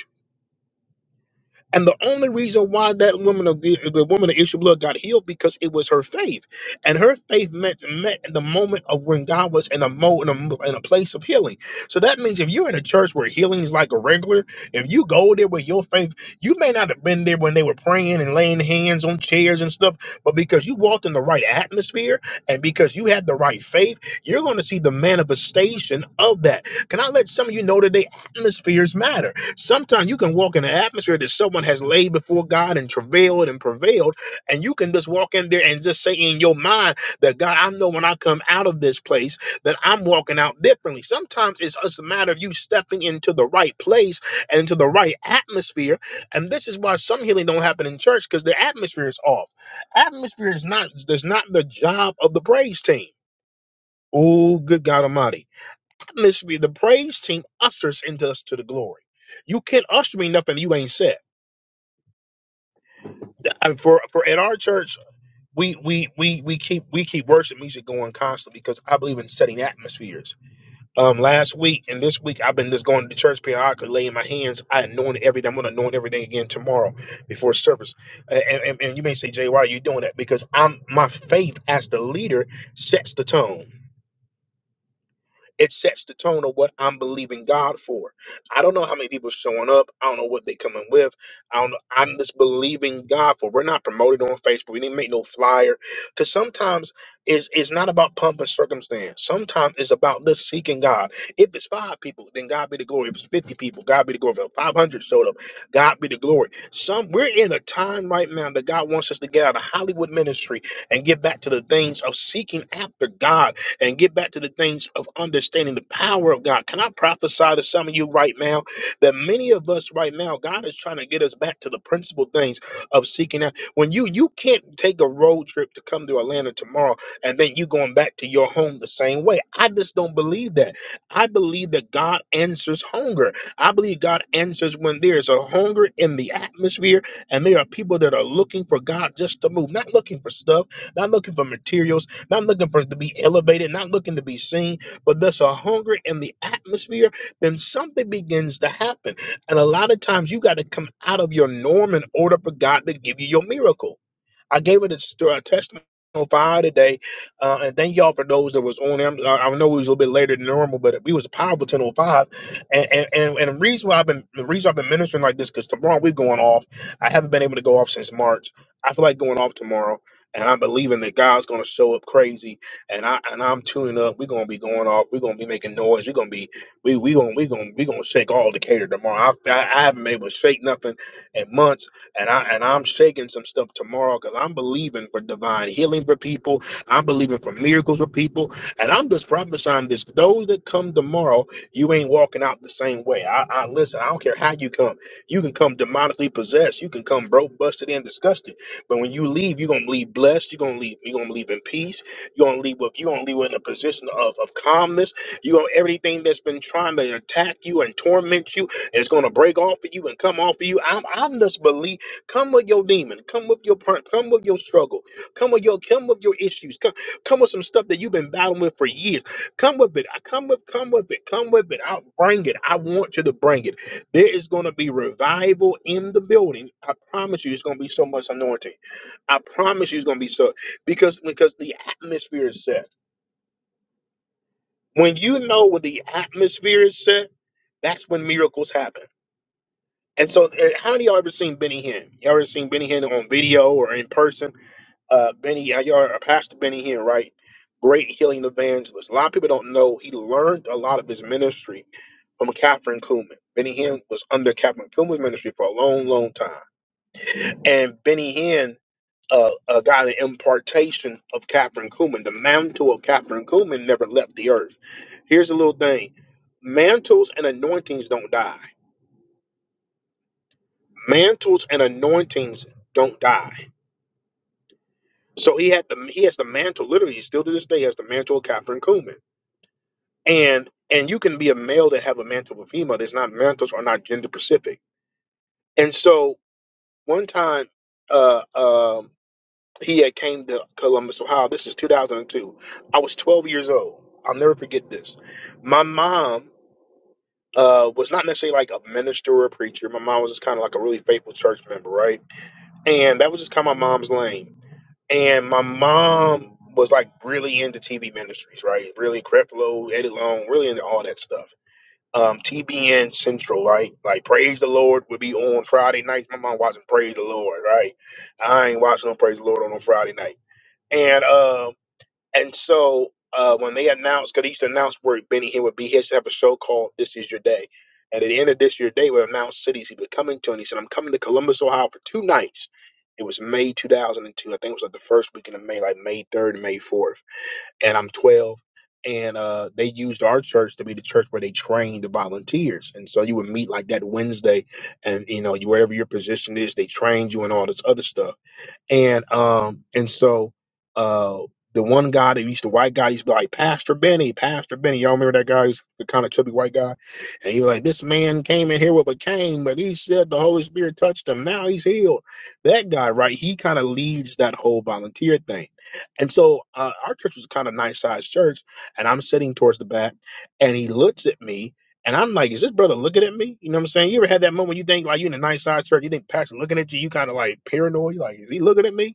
[SPEAKER 1] And the only reason why that woman of the, the woman of issue of blood got healed because it was her faith, and her faith met met in the moment of when God was in a mo in a, mo- in a place of healing. So that means if you're in a church where healing is like a regular, if you go there with your faith, you may not have been there when they were praying and laying hands on chairs and stuff, but because you walked in the right atmosphere and because you had the right faith, you're going to see the manifestation of that. Can I let some of you know that the atmospheres matter? Sometimes you can walk in an atmosphere that someone has laid before God and travailed and prevailed, and you can just walk in there and just say in your mind that God, I know when I come out of this place that I'm walking out differently. Sometimes it's just a matter of you stepping into the right place and into the right atmosphere. And this is why some healing don't happen in church because the atmosphere is off. Atmosphere is not there's not the job of the praise team. Oh, good God Almighty atmosphere, the praise team ushers into us to the glory. You can't usher me nothing you ain't said. And for for at our church, we we we we keep we keep worship music going constantly because I believe in setting atmospheres. Um, last week and this week I've been just going to church periodically, laying my hands. I anoint everything. I'm gonna anoint everything again tomorrow before service. And and, and you may say, Jay, why are you doing that? Because I'm my faith as the leader sets the tone. it sets the tone of what I'm believing God for. I don't know how many people showing up. I don't know what they coming with. I don't know. I'm just believing God for. We're not promoted on Facebook. We didn't make no flyer. Because sometimes it's it's not about pump and circumstance. Sometimes it's about this seeking God. If it's five people, then God be the glory. If it's 50 people, God be the glory. If 500 showed up, God be the glory. Some we're in a time right now that God wants us to get out of Hollywood ministry and get back to the things of seeking after God and get back to the things of understanding the power of God. Can I prophesy to some of you right now that many of us right now, God is trying to get us back to the principal things of seeking out. When you you can't take a road trip to come to Atlanta tomorrow and then you going back to your home the same way. I just don't believe that. I believe that God answers hunger. I believe God answers when there is a hunger in the atmosphere and there are people that are looking for God just to move, not looking for stuff, not looking for materials not looking for to be elevated, not looking to be seen, but there's a hunger in the atmosphere, then something begins to happen. And a lot of times you got to come out of your norm in order for God to give you your miracle. I gave it a, st- a testimony on fire today, uh, and thank y'all for those that was on there. I'm- I, I know it was a little bit later than normal, but we was a powerful 10:05, and and and, and the reason why I've been the reason I've been ministering like this because tomorrow we're going off. I haven't been able to go off since March. I feel like going off tomorrow and I'm believing that God's going to show up crazy, and I and I'm tuning up. We're going to be going off. We're going to be making noise. We're going to be we we going we going we going to shake all Decatur tomorrow. I, I, I haven't been able to shake nothing in months, and I and I'm shaking some stuff tomorrow because I'm believing for divine healing for people. I'm believing for miracles for people, and I'm just prophesying this. Those that come tomorrow, you ain't walking out the same way. I, I listen. I don't care how you come. You can come demonically possessed. You can come broke, busted, and disgusted but when you leave, you're gonna leave blessed. You're gonna leave. You're gonna leave in peace. You're gonna leave with. You're gonna leave in a position of, of calmness. You gonna everything that's been trying to attack you and torment you is gonna break off of you and come off of you. I'm I'm just believe. Come with your demon. Come with your part. Come with your struggle. Come with your come with your issues. Come come with some stuff that you've been battling with for years. Come with it. I come with come with it. Come with it. I'll bring it. I want you to bring it. There is gonna be revival in the building. I promise you, it's gonna be so much anointing. I promise you, it's gonna be so because because the atmosphere is set. When you know what the atmosphere is set, that's when miracles happen. And so, uh, how many of y'all ever seen Benny Hinn? Y'all ever seen Benny Hinn on video or in person? Uh, Benny, uh, y'all, uh, Pastor Benny Hinn, right? Great healing evangelist. A lot of people don't know he learned a lot of his ministry from Catherine Kuhlman. Benny Hinn was under Catherine Kuhlman's ministry for a long, long time. And Benny Hinn uh, uh, got an impartation of Catherine Kuhlman. The mantle of Catherine Kuhlman never left the earth. Here's a little thing mantles and anointings don't die. Mantles and anointings don't die. So he had the he has the mantle literally still to this day has the mantle of Catherine Kuhlman. And and you can be a male that have a mantle of a female. There's not mantles are not gender specific. And so one time, uh, um He had came to Columbus, Ohio. This is 2002. I was 12 years old. I'll never forget this. My mom uh, was not necessarily like a minister or a preacher. My mom was just kind of like a really faithful church member, right? And that was just kind of my mom's lane. And my mom was like really into TV ministries, right? Really Creflo, Eddie Long, really into all that stuff. Um, TBN Central, right? Like Praise the Lord would be on Friday nights. My mom watching Praise the Lord, right? I ain't watching no Praise the Lord on no Friday night. And um, and so uh, when they announced, because they used to announce where Benny Hinn would be, he used to have a show called "This Is Your Day," and at the end of "This Your Day," would announce cities he was coming to, and he said, "I'm coming to Columbus, Ohio, for two nights." It was May 2002. I think it was like the first weekend of May, like May 3rd, May 4th, and I'm 12. And uh, they used our church to be the church where they trained the volunteers, and so you would meet like that Wednesday, and you know you wherever your position is, they trained you and all this other stuff. And um and so uh the one guy that used to white guy used to be like Pastor Benny, Pastor Benny. Y'all remember that guy? He's the kind of chubby white guy, and he was like, "This man came in here with a cane, but he said the Holy Spirit touched him. Now he's healed." That guy, right? He kind of leads that whole volunteer thing, and so uh, our church was kind of nice sized church, and I'm sitting towards the back, and he looks at me, and I'm like, is this brother looking at me? You know what I'm saying? You ever had that moment you think like you in a nice side skirt, you think pastor looking at you, you kind of like paranoid, like, is he looking at me?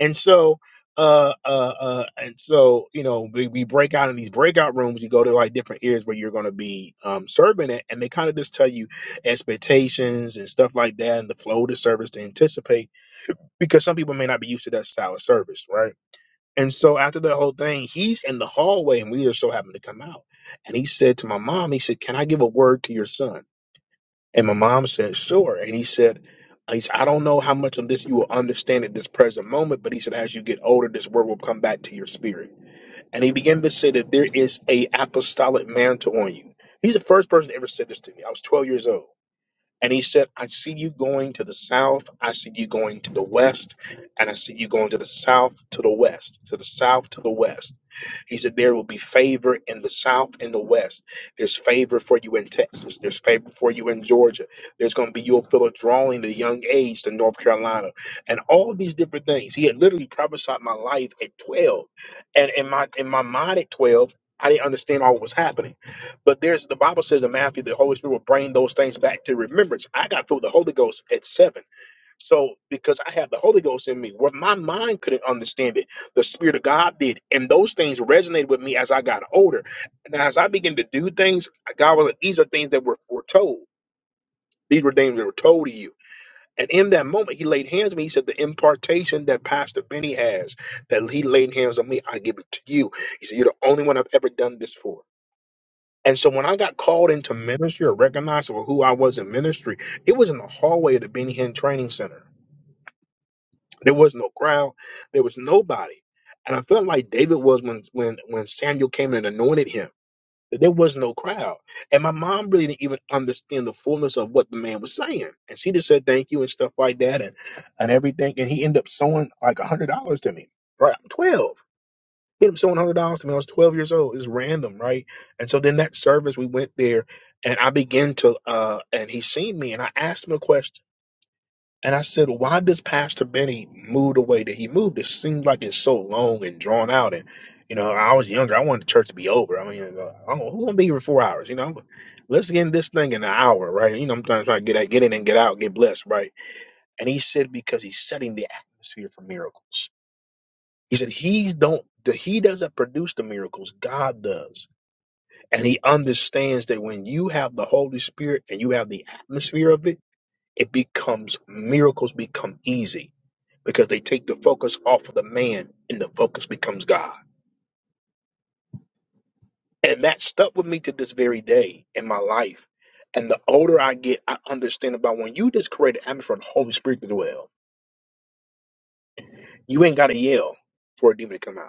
[SPEAKER 1] And so uh uh uh and so you know we, we break out in these breakout rooms you go to like different areas where you're going to be um serving it and they kind of just tell you expectations and stuff like that and the flow of the service to anticipate because some people may not be used to that style of service right and so after the whole thing, he's in the hallway and we just so happened to come out. And he said to my mom, he said, Can I give a word to your son? And my mom said, Sure. And he said, he said, I don't know how much of this you will understand at this present moment, but he said, as you get older, this word will come back to your spirit. And he began to say that there is a apostolic mantle on you. He's the first person to ever said this to me. I was 12 years old. And he said, I see you going to the south. I see you going to the west. And I see you going to the south, to the west, to the south, to the west. He said, There will be favor in the south and the west. There's favor for you in Texas. There's favor for you in Georgia. There's going to be, you'll feel a drawing at a young age to North Carolina. And all these different things. He had literally prophesied my life at 12. And in my, in my mind at 12, I didn't understand all what was happening. But there's the Bible says in Matthew, the Holy Spirit will bring those things back to remembrance. I got filled with the Holy Ghost at seven. So because I have the Holy Ghost in me, where my mind couldn't understand it, the Spirit of God did. And those things resonated with me as I got older. And as I began to do things, God was like, these are things that were foretold. These were things that were told to you. And in that moment, he laid hands on me. He said, The impartation that Pastor Benny has, that he laid hands on me, I give it to you. He said, You're the only one I've ever done this for. And so when I got called into ministry or recognized for who I was in ministry, it was in the hallway of the Benny Hinn Training Center. There was no crowd. There was nobody. And I felt like David was when when when Samuel came and anointed him. There was no crowd. And my mom really didn't even understand the fullness of what the man was saying. And she just said thank you and stuff like that and and everything. And he ended up sowing like a hundred dollars to me. Right. I'm 12 hit him seven hundred dollars to me. I was twelve years old. It's random, right? And so then that service, we went there, and I began to, uh, and he seen me, and I asked him a question, and I said, "Why does Pastor Benny move the way that he moved? It seems like it's so long and drawn out." And you know, I was younger. I wanted the church to be over. I mean, uh, I don't- who gonna be here for four hours? You know, let's get in this thing in an hour, right? You know, I'm trying trying to get out, get in and get out, get blessed, right? And he said because he's setting the atmosphere for miracles. He said he don't the, he doesn't produce the miracles, God does. And he understands that when you have the Holy Spirit and you have the atmosphere of it, it becomes miracles become easy because they take the focus off of the man and the focus becomes God. And that stuck with me to this very day in my life. And the older I get, I understand about when you just create an atmosphere for the Holy Spirit to dwell. You ain't gotta yell for a demon to come out.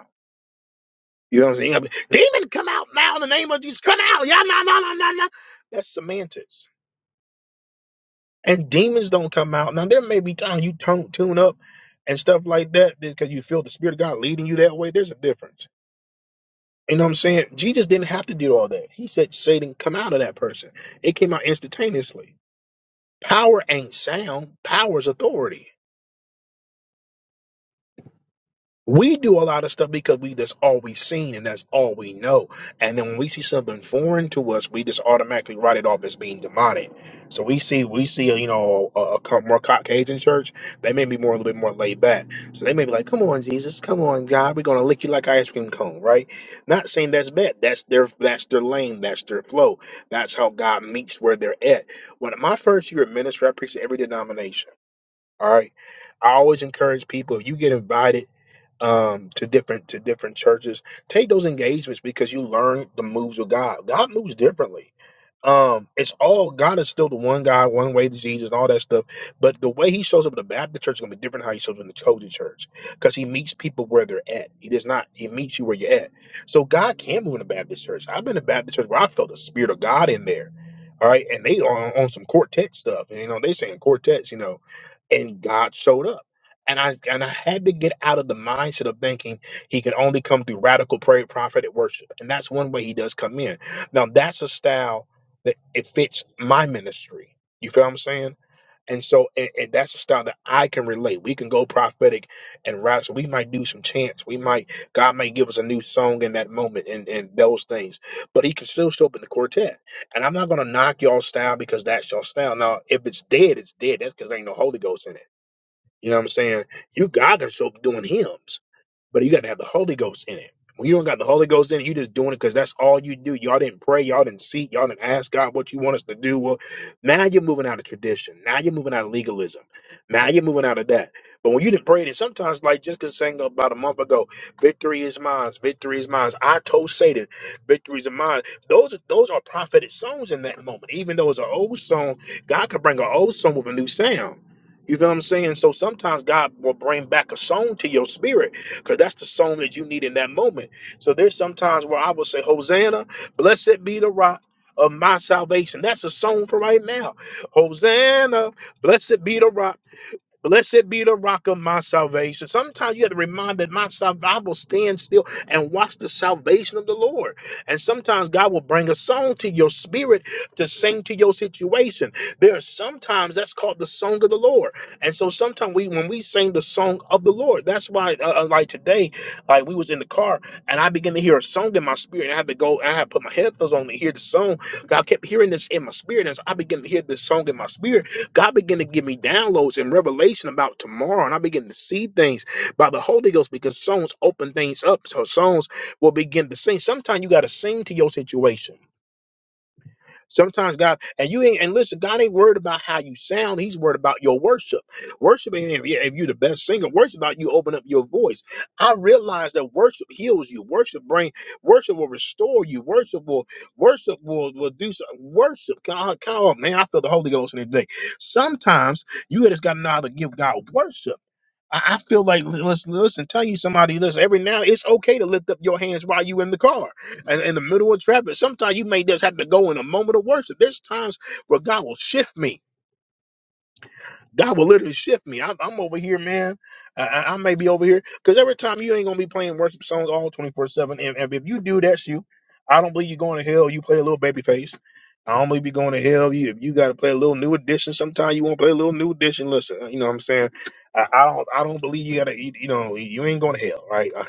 [SPEAKER 1] You know what I'm saying? Demon, come out now in the name of Jesus. Come out. Yeah, no, no, no, no, no. That's semantics. And demons don't come out. Now, there may be times you don't tune up and stuff like that because you feel the Spirit of God leading you that way. There's a difference. You know what I'm saying? Jesus didn't have to do all that. He said, Satan, come out of that person. It came out instantaneously. Power ain't sound, power's authority. We do a lot of stuff because we that's all we have seen and that's all we know. And then when we see something foreign to us, we just automatically write it off as being demonic. So we see we see you know a, a co- more Caucasian church, they may be more a little bit more laid back. So they may be like, "Come on, Jesus, come on, God, we're gonna lick you like an ice cream cone," right? Not saying that's bad. That's their that's their lane. That's their flow. That's how God meets where they're at. When my first year of ministry, I preached to every denomination. All right, I always encourage people if you get invited um to different to different churches take those engagements because you learn the moves of god god moves differently um it's all god is still the one god one way to jesus and all that stuff but the way he shows up in the baptist church is going to be different than how he shows up in the chosen church because he meets people where they're at he does not he meets you where you're at so god can move in the baptist church i've been in baptist church where i felt the spirit of god in there all right and they are on, on some quartet stuff and you know they saying quartets you know and god showed up and I and I had to get out of the mindset of thinking he could only come through radical prayer, prophetic worship. And that's one way he does come in. Now that's a style that it fits my ministry. You feel what I'm saying? And so and, and that's a style that I can relate. We can go prophetic and radical. We might do some chants. We might God may give us a new song in that moment and, and those things. But he can still show up in the quartet. And I'm not gonna knock y'all style because that's your style. Now if it's dead, it's dead. That's because there ain't no Holy Ghost in it. You know what I'm saying? You God can show up doing hymns but you got to have the Holy Ghost in it. When you don't got the Holy Ghost in it, you just doing it because that's all you do. Y'all didn't pray, y'all didn't seek, y'all didn't ask God what you want us to do. Well, now you're moving out of tradition. Now you're moving out of legalism. Now you're moving out of that. But when you didn't pray, and sometimes like just because saying about a month ago, victory is mine, victory is mine. I told Satan, victory is mine. Those are those are prophetic songs in that moment. Even though it's an old song, God could bring an old song with a new sound. You feel what I'm saying? So sometimes God will bring back a song to your spirit because that's the song that you need in that moment. So there's sometimes where I will say, Hosanna, blessed be the rock of my salvation. That's a song for right now. Hosanna, blessed be the rock. Blessed be the rock of my salvation. Sometimes you have to remind that my survival stands still and watch the salvation of the Lord. And sometimes God will bring a song to your spirit to sing to your situation. There are sometimes that's called the song of the Lord. And so sometimes we, when we sing the song of the Lord, that's why, uh, uh, like today, like we was in the car and I began to hear a song in my spirit. And I had to go, I had to put my headphones on to hear the song. I kept hearing this in my spirit as I began to hear this song in my spirit. God began to give me downloads and revelation about tomorrow, and I begin to see things by the Holy Ghost because songs open things up. So songs will begin to sing. Sometimes you got to sing to your situation. Sometimes God and you ain't and listen, God ain't worried about how you sound. He's worried about your worship. Worship ain't if, you- if you're the best singer. Worship about you open up your voice. I realize that worship heals you. Worship bring worship will restore you. Worship will worship will, will do some worship. God, God, oh man, I feel the Holy Ghost in this day. Sometimes you just gotta know how to give God worship. I, I feel like li- listen, listen, tell you somebody, listen, every now it's okay to lift up your hands while you in the car and in the middle of traffic. Sometimes you may just have to go in a moment of worship. There's times where God will shift me. God will literally shift me. I'm, I'm over here, man. I, I I may be over here because every time you ain't gonna be playing worship songs all 24 seven. And, and if you do, that's you. I don't believe you're going to hell. You play a little baby face. I don't believe you're going to hell. You if you got to play a little new edition. Sometimes you want to play a little new edition. Listen, you know what I'm saying. I, I don't. I don't believe you got to. You you know, you ain't going to hell, right?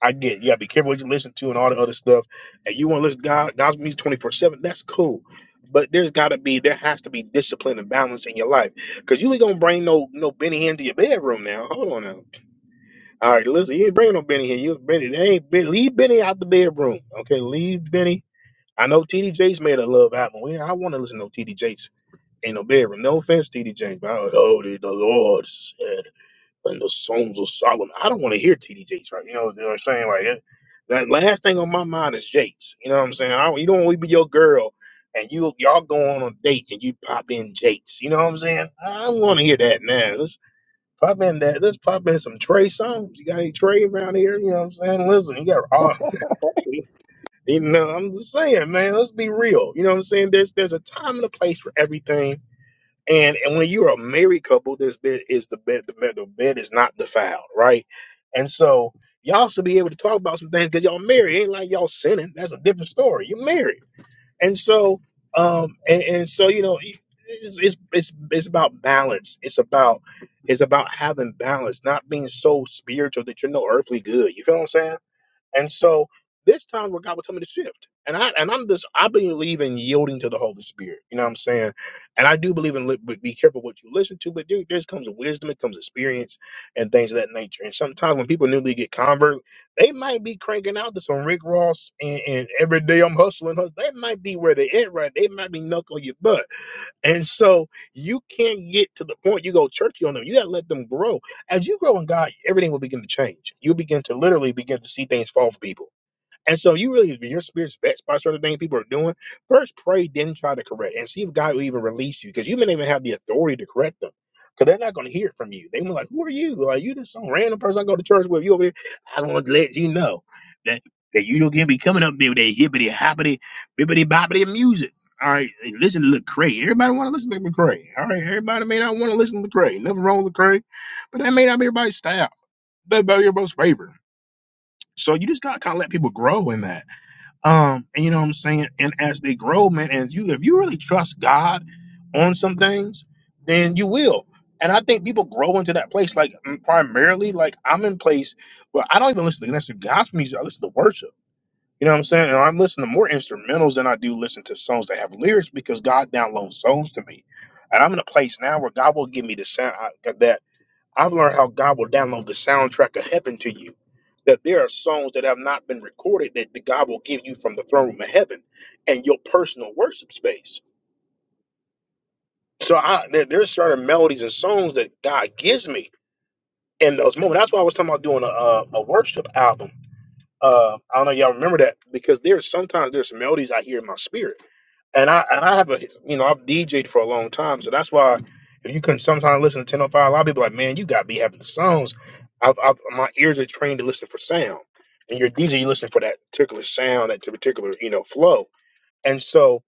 [SPEAKER 1] I get it. you gotta be careful what you listen to and all the other stuff. And you want to listen to God, God's music twenty four seven. That's cool, but there's gotta be there has to be discipline and balance in your life because you ain't gonna bring no no Benny Hinn to your bedroom now. Hold on now. All right, listen, you ain't bringing no Benny Hinn. You Benny, they ain't Ben- leave Benny out the bedroom. Okay, leave Benny. I know T D Jakes made a love album. We, I want to listen to no T D Jakes in no bedroom. No offense, T D Jakes, but I, oh, the Lord said and the songs of Solomon. I don't want to hear TD Jakes, right? You know, you know what I'm saying? Like it- that last thing on my mind is Jakes. You know what I'm saying? I, you don't want to be your girl and you y'all go on a date and you pop in Jakes. You know what I'm saying? I don't want to hear that now. Let's pop in that. Let's pop in some Trey songs. You got any Trey around here? You know what I'm saying? Listen, you got all. You know, I'm just saying, man. Let's be real. You know what I'm saying? There's there's a time and a place for everything and and when you're a married couple, there's there is the bed the bed the bed is not defiled, right? And so y'all should be able to talk about some things because y'all married. It ain't like y'all sinning. That's a different story. You're married, and so um and, and so you know it- it's, it's it's it's about balance. It's about it's about having balance, not being so spiritual that you're no earthly good. You feel what I'm saying? And so there's times where God will tell me to shift. And I and I'm this I believe in yielding to the Holy Spirit. You know what I'm saying? And I do believe in li- but be careful what you listen to, but there, there's comes wisdom, it comes experience and things of that nature. And sometimes when people newly get convert, they might be cranking out to some Rick Ross and, and every day I'm hustling. hus- They might be where they at right. They might be knuckle your butt. And so you can't get to the point you go churchy on them. You got to let them grow. As you grow in God, everything will begin to change. You'll begin to literally begin to see things fall for people. And so you really, when your spirit's vexed by certain things people are doing, first pray, then try to correct and see if God will even release you because you may not even have the authority to correct them because they're not going to hear it from you. They were like, who are you? Like, you just some random person I go to church with. You over here. I want to let you know that, that you don't get me coming up there with that hippity, hoppity, bibbity, bobbity music. All right, and listen to Lecrae. Everybody want to listen to Lecrae. All right, everybody may not want to listen to Lecrae. Nothing wrong with Lecrae, but that may not be everybody's style. That may not be everybody's favorite. So you just got to kind of let people grow in that. Um, and you know what I'm saying? And as they grow, man, and you if you really trust God on some things, then you will. And I think people grow into that place, like mm, primarily, like I'm in place where I don't even listen to listen to gospel music, I listen to worship. You know what I'm saying? And I'm listening to more instrumentals than I do listen to songs that have lyrics because God downloads songs to me. And I'm in a place now where God will give me the sound I, that I've learned how God will download the soundtrack of heaven to you. That there are songs that have not been recorded that the God will give you from the throne room of heaven and your personal worship space. So I, there, there's certain melodies and songs that God gives me in those moments. That's why I was talking about doing a, a, a worship album. Uh, I don't know if y'all remember that because there's sometimes there's melodies I hear in my spirit and I and I have a you know I've DJed for a long time, so that's why if you can sometimes listen to 1005, a lot of people are like, man, you gotta be having the songs. I've, I've, my ears are trained to listen for sound, and your DJ you listen for that particular sound, that particular you know flow. And so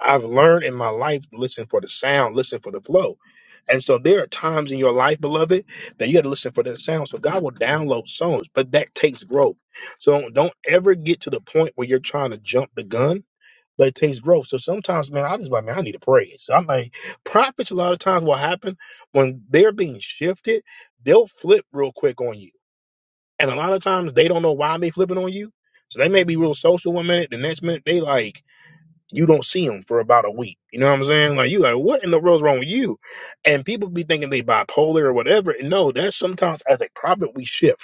[SPEAKER 1] I've learned in my life to listen for the sound, listen for the flow. And so there are times in your life, beloved, that you got to listen for that sound. So God will download songs, but that takes growth. So don't ever get to the point where you're trying to jump the gun but it takes growth. So sometimes, man, I just like, man, I need to pray. So I'm like, prophets a lot of times will happen when they're being shifted, they'll flip real quick on you. And a lot of times they don't know why they flipping on you. So they may be real social one minute, the next minute they like you don't see them for about a week. You know what I'm saying? Like you like, what in the world's wrong with you? And people be thinking they bipolar or whatever. And no, that's sometimes as a prophet we shift.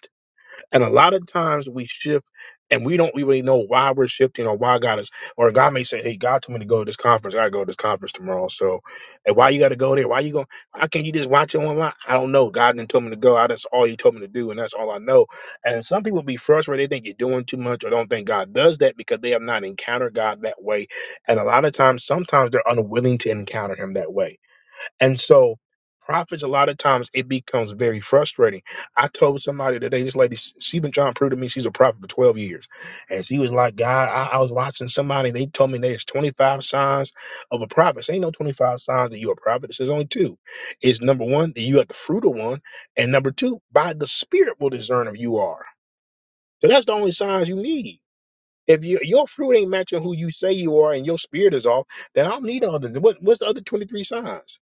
[SPEAKER 1] And a lot of times we shift and we don't really know why we're shifting or why God is, or God may say, Hey, God told me to go to this conference. I gotta go to this conference tomorrow. So, and why you gotta go there? Why you going? Why can not you just watch it online? I don't know. God didn't tell me to go. I, that's all he told me to do. And that's all I know. And some people be frustrated. They think you're doing too much or don't think God does that because they have not encountered God that way. And a lot of times, sometimes they're unwilling to encounter him that way and so prophets, a lot of times it becomes very frustrating. I told somebody today, this lady, she's been trying to prove to me she's a prophet for 12 years. And she was like, God, I, I was watching somebody, they told me there's 25 signs of a prophet. There ain't no 25 signs that you're a prophet. There's only two. It's number one, that you have the fruit of one. And number two, by the spirit will discern if you are. So that's the only signs you need. If you, your fruit ain't matching who you say you are and your spirit is off, then I don't need all this. What, what's the other 23 signs?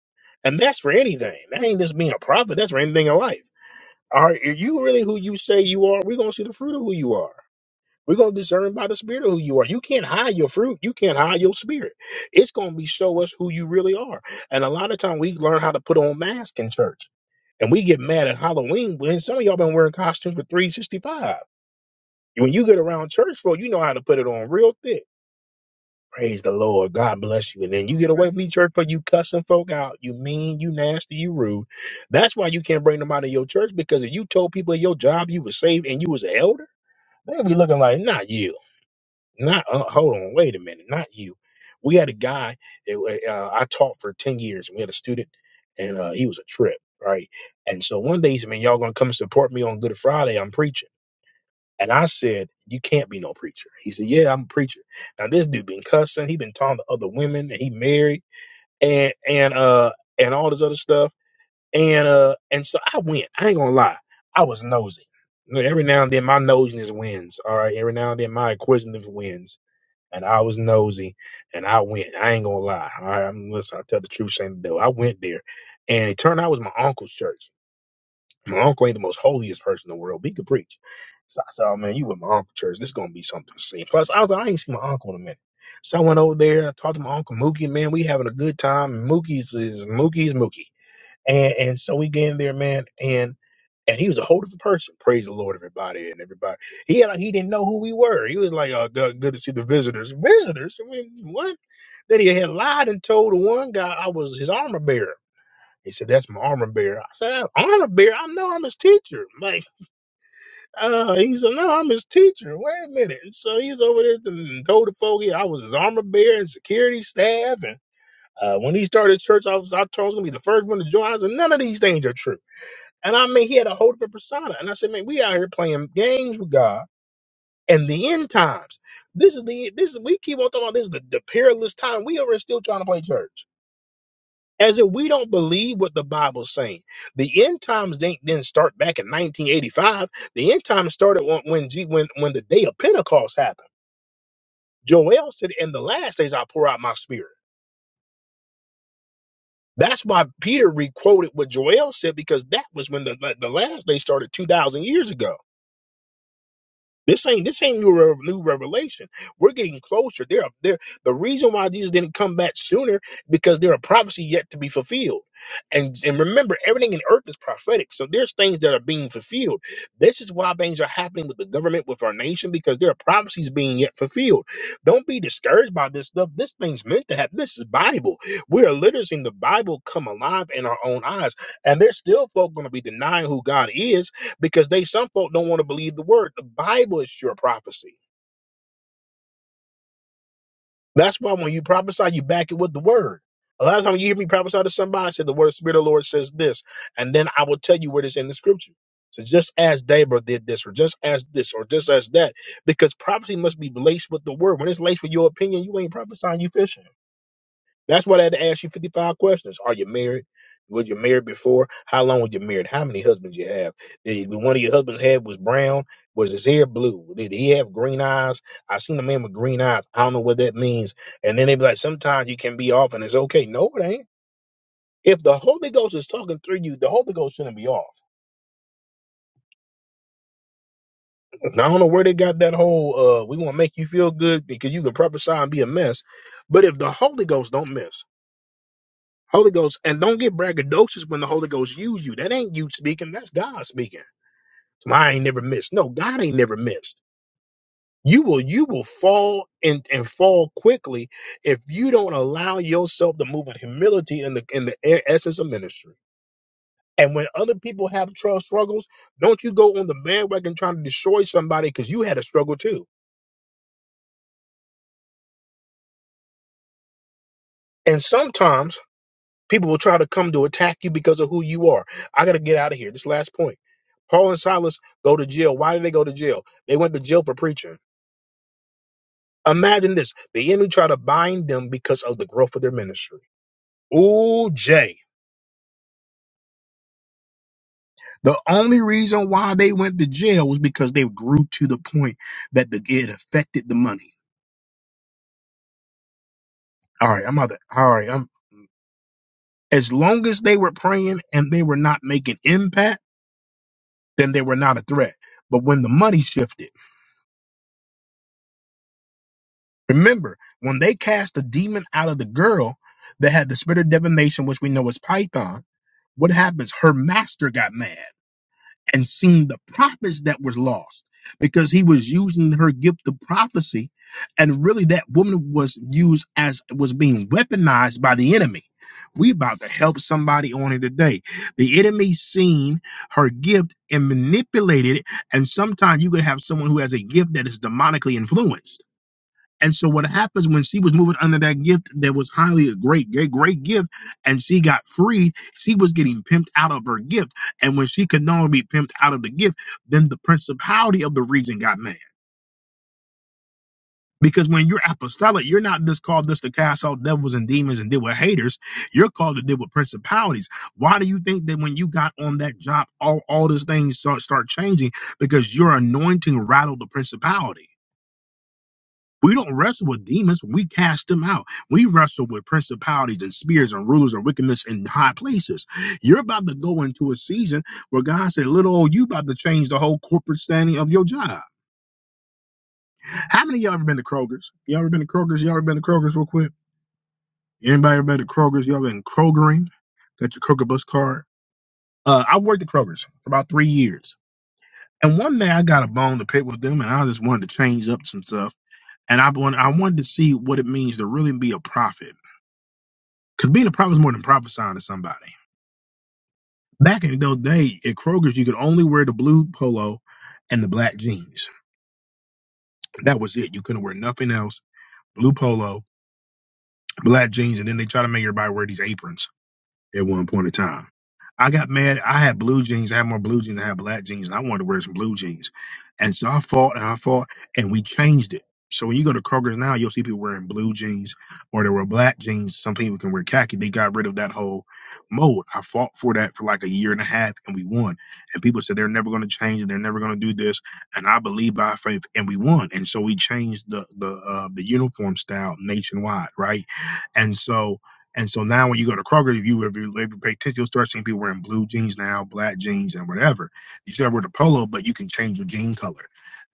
[SPEAKER 1] And that's for anything. That ain't just being a prophet. That's for anything in life. Are are you really who you say you are? We're going to see the fruit of who you are. We're going to discern by the spirit of who you are. You can't hide your fruit. You can't hide your spirit. It's going to be show us who you really are. And a lot of time we learn how to put on masks in church. And we get mad at Halloween when some of y'all been wearing costumes for 365. When you get around church folk, you know how to put it on real thick Praise the Lord. God bless you. And then you get away from me, church, for you cussing folk out. You mean, you nasty, you rude. That's why you can't bring them out of your church because if you told people at your job you was saved and you was an elder, they'd be looking like, not you. Not, uh, hold on, wait a minute, not you. We had a guy, that, uh, I taught for 10 years, and we had a student, and uh, he was a trip, right? And so one day he said, man, y'all gonna come support me on Good Friday. I'm preaching. And I said, You can't be no preacher. He said, Yeah, I'm a preacher. Now this dude been cussing, he been talking to other women and he married and and uh and all this other stuff. And uh and so I went. I ain't gonna lie, I was nosy. You know, Every now and then my nosiness wins. All right, every now and then my acquisitive wins. And I was nosy and I went. I ain't gonna lie. All right, I'm listen, I tell the truth, shame the devil. I went there and it turned out it was my uncle's church. My uncle ain't the most holiest person in the world, but he could preach. So I said, oh, man, you with my uncle church. This going to be something to see. Plus, I was like, I ain't seen my uncle in a minute. So I went over there. I talked to my uncle Mookie. Man, we having a good time. And Mookie's is Mookie's Mookie. And, and so we get in there, man. And and he was a whole different person. Praise the Lord, everybody. And everybody, he had, like, he didn't know who we were. He was like, oh, good, good to see the visitors. Visitors? I mean, what? That he had lied and told the one guy I was his armor bearer. He said, That's my armor bearer. I said, Armor bearer? I know I'm his teacher. Like, uh, he said, No, I'm his teacher. Wait a minute. And so he's over there to told the folk I was his armor bearer and security staff. And uh, when he started church, I was I told him I was gonna be the first one to join. I said, None of these things are true. And I mean he had a whole different persona. And I said, Man, we out here playing games with God and the end times. This is the this is we keep on talking about this is the, the perilous time. We over here still trying to play church. as if we don't believe what the Bible's saying. The end times didn't then start back in 1985. The end times started when when G- when, when the day of Pentecost happened. Joel said, "In the last days, I pour out my spirit." That's why Peter requoted what Joel said because that was when the the the last day started two thousand years ago. This ain't this ain't new re- new revelation. We're getting closer. There, are- there. The reason why Jesus didn't come back sooner because there are prophecies yet to be fulfilled, and and remember, everything in earth is prophetic. So there's things that are being fulfilled. This is why things are happening with the government, with our nation, because there are prophecies being yet fulfilled. Don't be discouraged by this stuff. This thing's meant to happen. This is Bible. We are literally seeing the Bible come alive in our own eyes, and there's still folk going to be denying who God is because they some folk don't want to believe the word. The Bible is your prophecy. That's why when you prophesy, you back it with the word. A lot of times you hear me prophesy to somebody, I say the word of the Spirit of the Lord says this, and then I will tell you where it is in the scripture. So just as Deborah did this, or just as this, or just as that, because prophecy must be laced with the word. When it's laced with your opinion, you ain't prophesying, you fishing. That's why they had to ask you 55 questions. Are you married? Was you married before? How long were you married? How many husbands you have? Did did one of your husbands' head was brown? Was his hair blue? Did he have green eyes? I seen a man with green eyes. I don't know what that means. And then they be like, sometimes you can be off and it's okay. No, it ain't. If the Holy Ghost is talking through you, the Holy Ghost shouldn't be off. And I don't know where they got that whole uh we want to make you feel good because you can prophesy and be a mess. But if the Holy Ghost don't miss, Holy Ghost, and don't get braggadocious when the Holy Ghost use you. That ain't you speaking, that's God speaking. So I ain't never missed. No, God ain't never missed. You will you will fall and, and fall quickly if you don't allow yourself to move in humility in the in the e- essence of ministry. And when other people have trust struggles, don't you go on the bandwagon trying to destroy somebody because you had a struggle too. And sometimes People will try to come to attack you because of who you are. I got to get out of here. This last point. Paul and Silas go to jail. Why did they go to jail? They went to jail for preaching. Imagine this. The enemy tried to bind them because of the growth of their ministry. Ooh, Jay. The only reason why they went to jail was because they grew to the point that the, it affected the money. All right, I'm out there. All right, I'm, as long as they were praying and they were not making impact, then they were not a threat. But when the money shifted, Remember, when they cast the demon out of the girl that had the spirit of divination, which we know is Python, what happens? Her master got mad and seen the prophets that was lost because he was using her gift of prophecy. And really that woman was used as was being weaponized by the enemy. We about to help somebody on it today. The enemy seen her gift and manipulated it. And sometimes you could have someone who has a gift that is demonically influenced and so what happens when she was moving under that gift that was highly a great, great, great gift, and she got freed, she was getting pimped out of her gift. And when she could no longer be pimped out of the gift, then the principality of the region got mad. Because when you're apostolic, you're not just called just to cast out devils and demons and deal with haters. You're called to deal with principalities. Why do you think that when you got on that job, all, all these things start, start changing? Because your anointing rattled the principality We don't wrestle with demons. We cast them out. We wrestle with principalities and spears and rulers and wickedness in high places. You're about to go into a season where God said, little old you about to change the whole corporate standing of your job. How many of y'all ever been to Kroger's? Y'all ever been to Kroger's? Y'all ever been to Kroger's real quick? Anybody ever been to Kroger's? Y'all been Krogering? Got your Kroger bus card? Uh, I worked at Kroger's for about three years. And one day I got a bone to pick with them and I just wanted to change up some stuff. And I wanted, I wanted to see what it means to really be a prophet. Because being a prophet is more than prophesying to somebody. Back in those days, at Kroger's, you could only wear the blue polo and the black jeans. That was it. You couldn't wear nothing else. Blue polo, black jeans, and then they try to make everybody wear these aprons at one point in time. I got mad. I had blue jeans. I had more blue jeans. than I had black jeans, and I wanted to wear some blue jeans. And so I fought and I fought, and we changed it. So when you go to Kroger's now, you'll see people wearing blue jeans or they wear black jeans. Some people can wear khaki. They got rid of that whole mode. I fought for that for like a year and a half, and we won. And people said they're never going to change it. They're never going to do this. And I believe by faith, and we won. And so we changed the the uh, the uniform style nationwide, right? And so and so now when you go to Kroger, if you if you, if you pay attention, you'll start seeing people wearing blue jeans now, black jeans, and whatever. You still wear the polo, but you can change your jean color.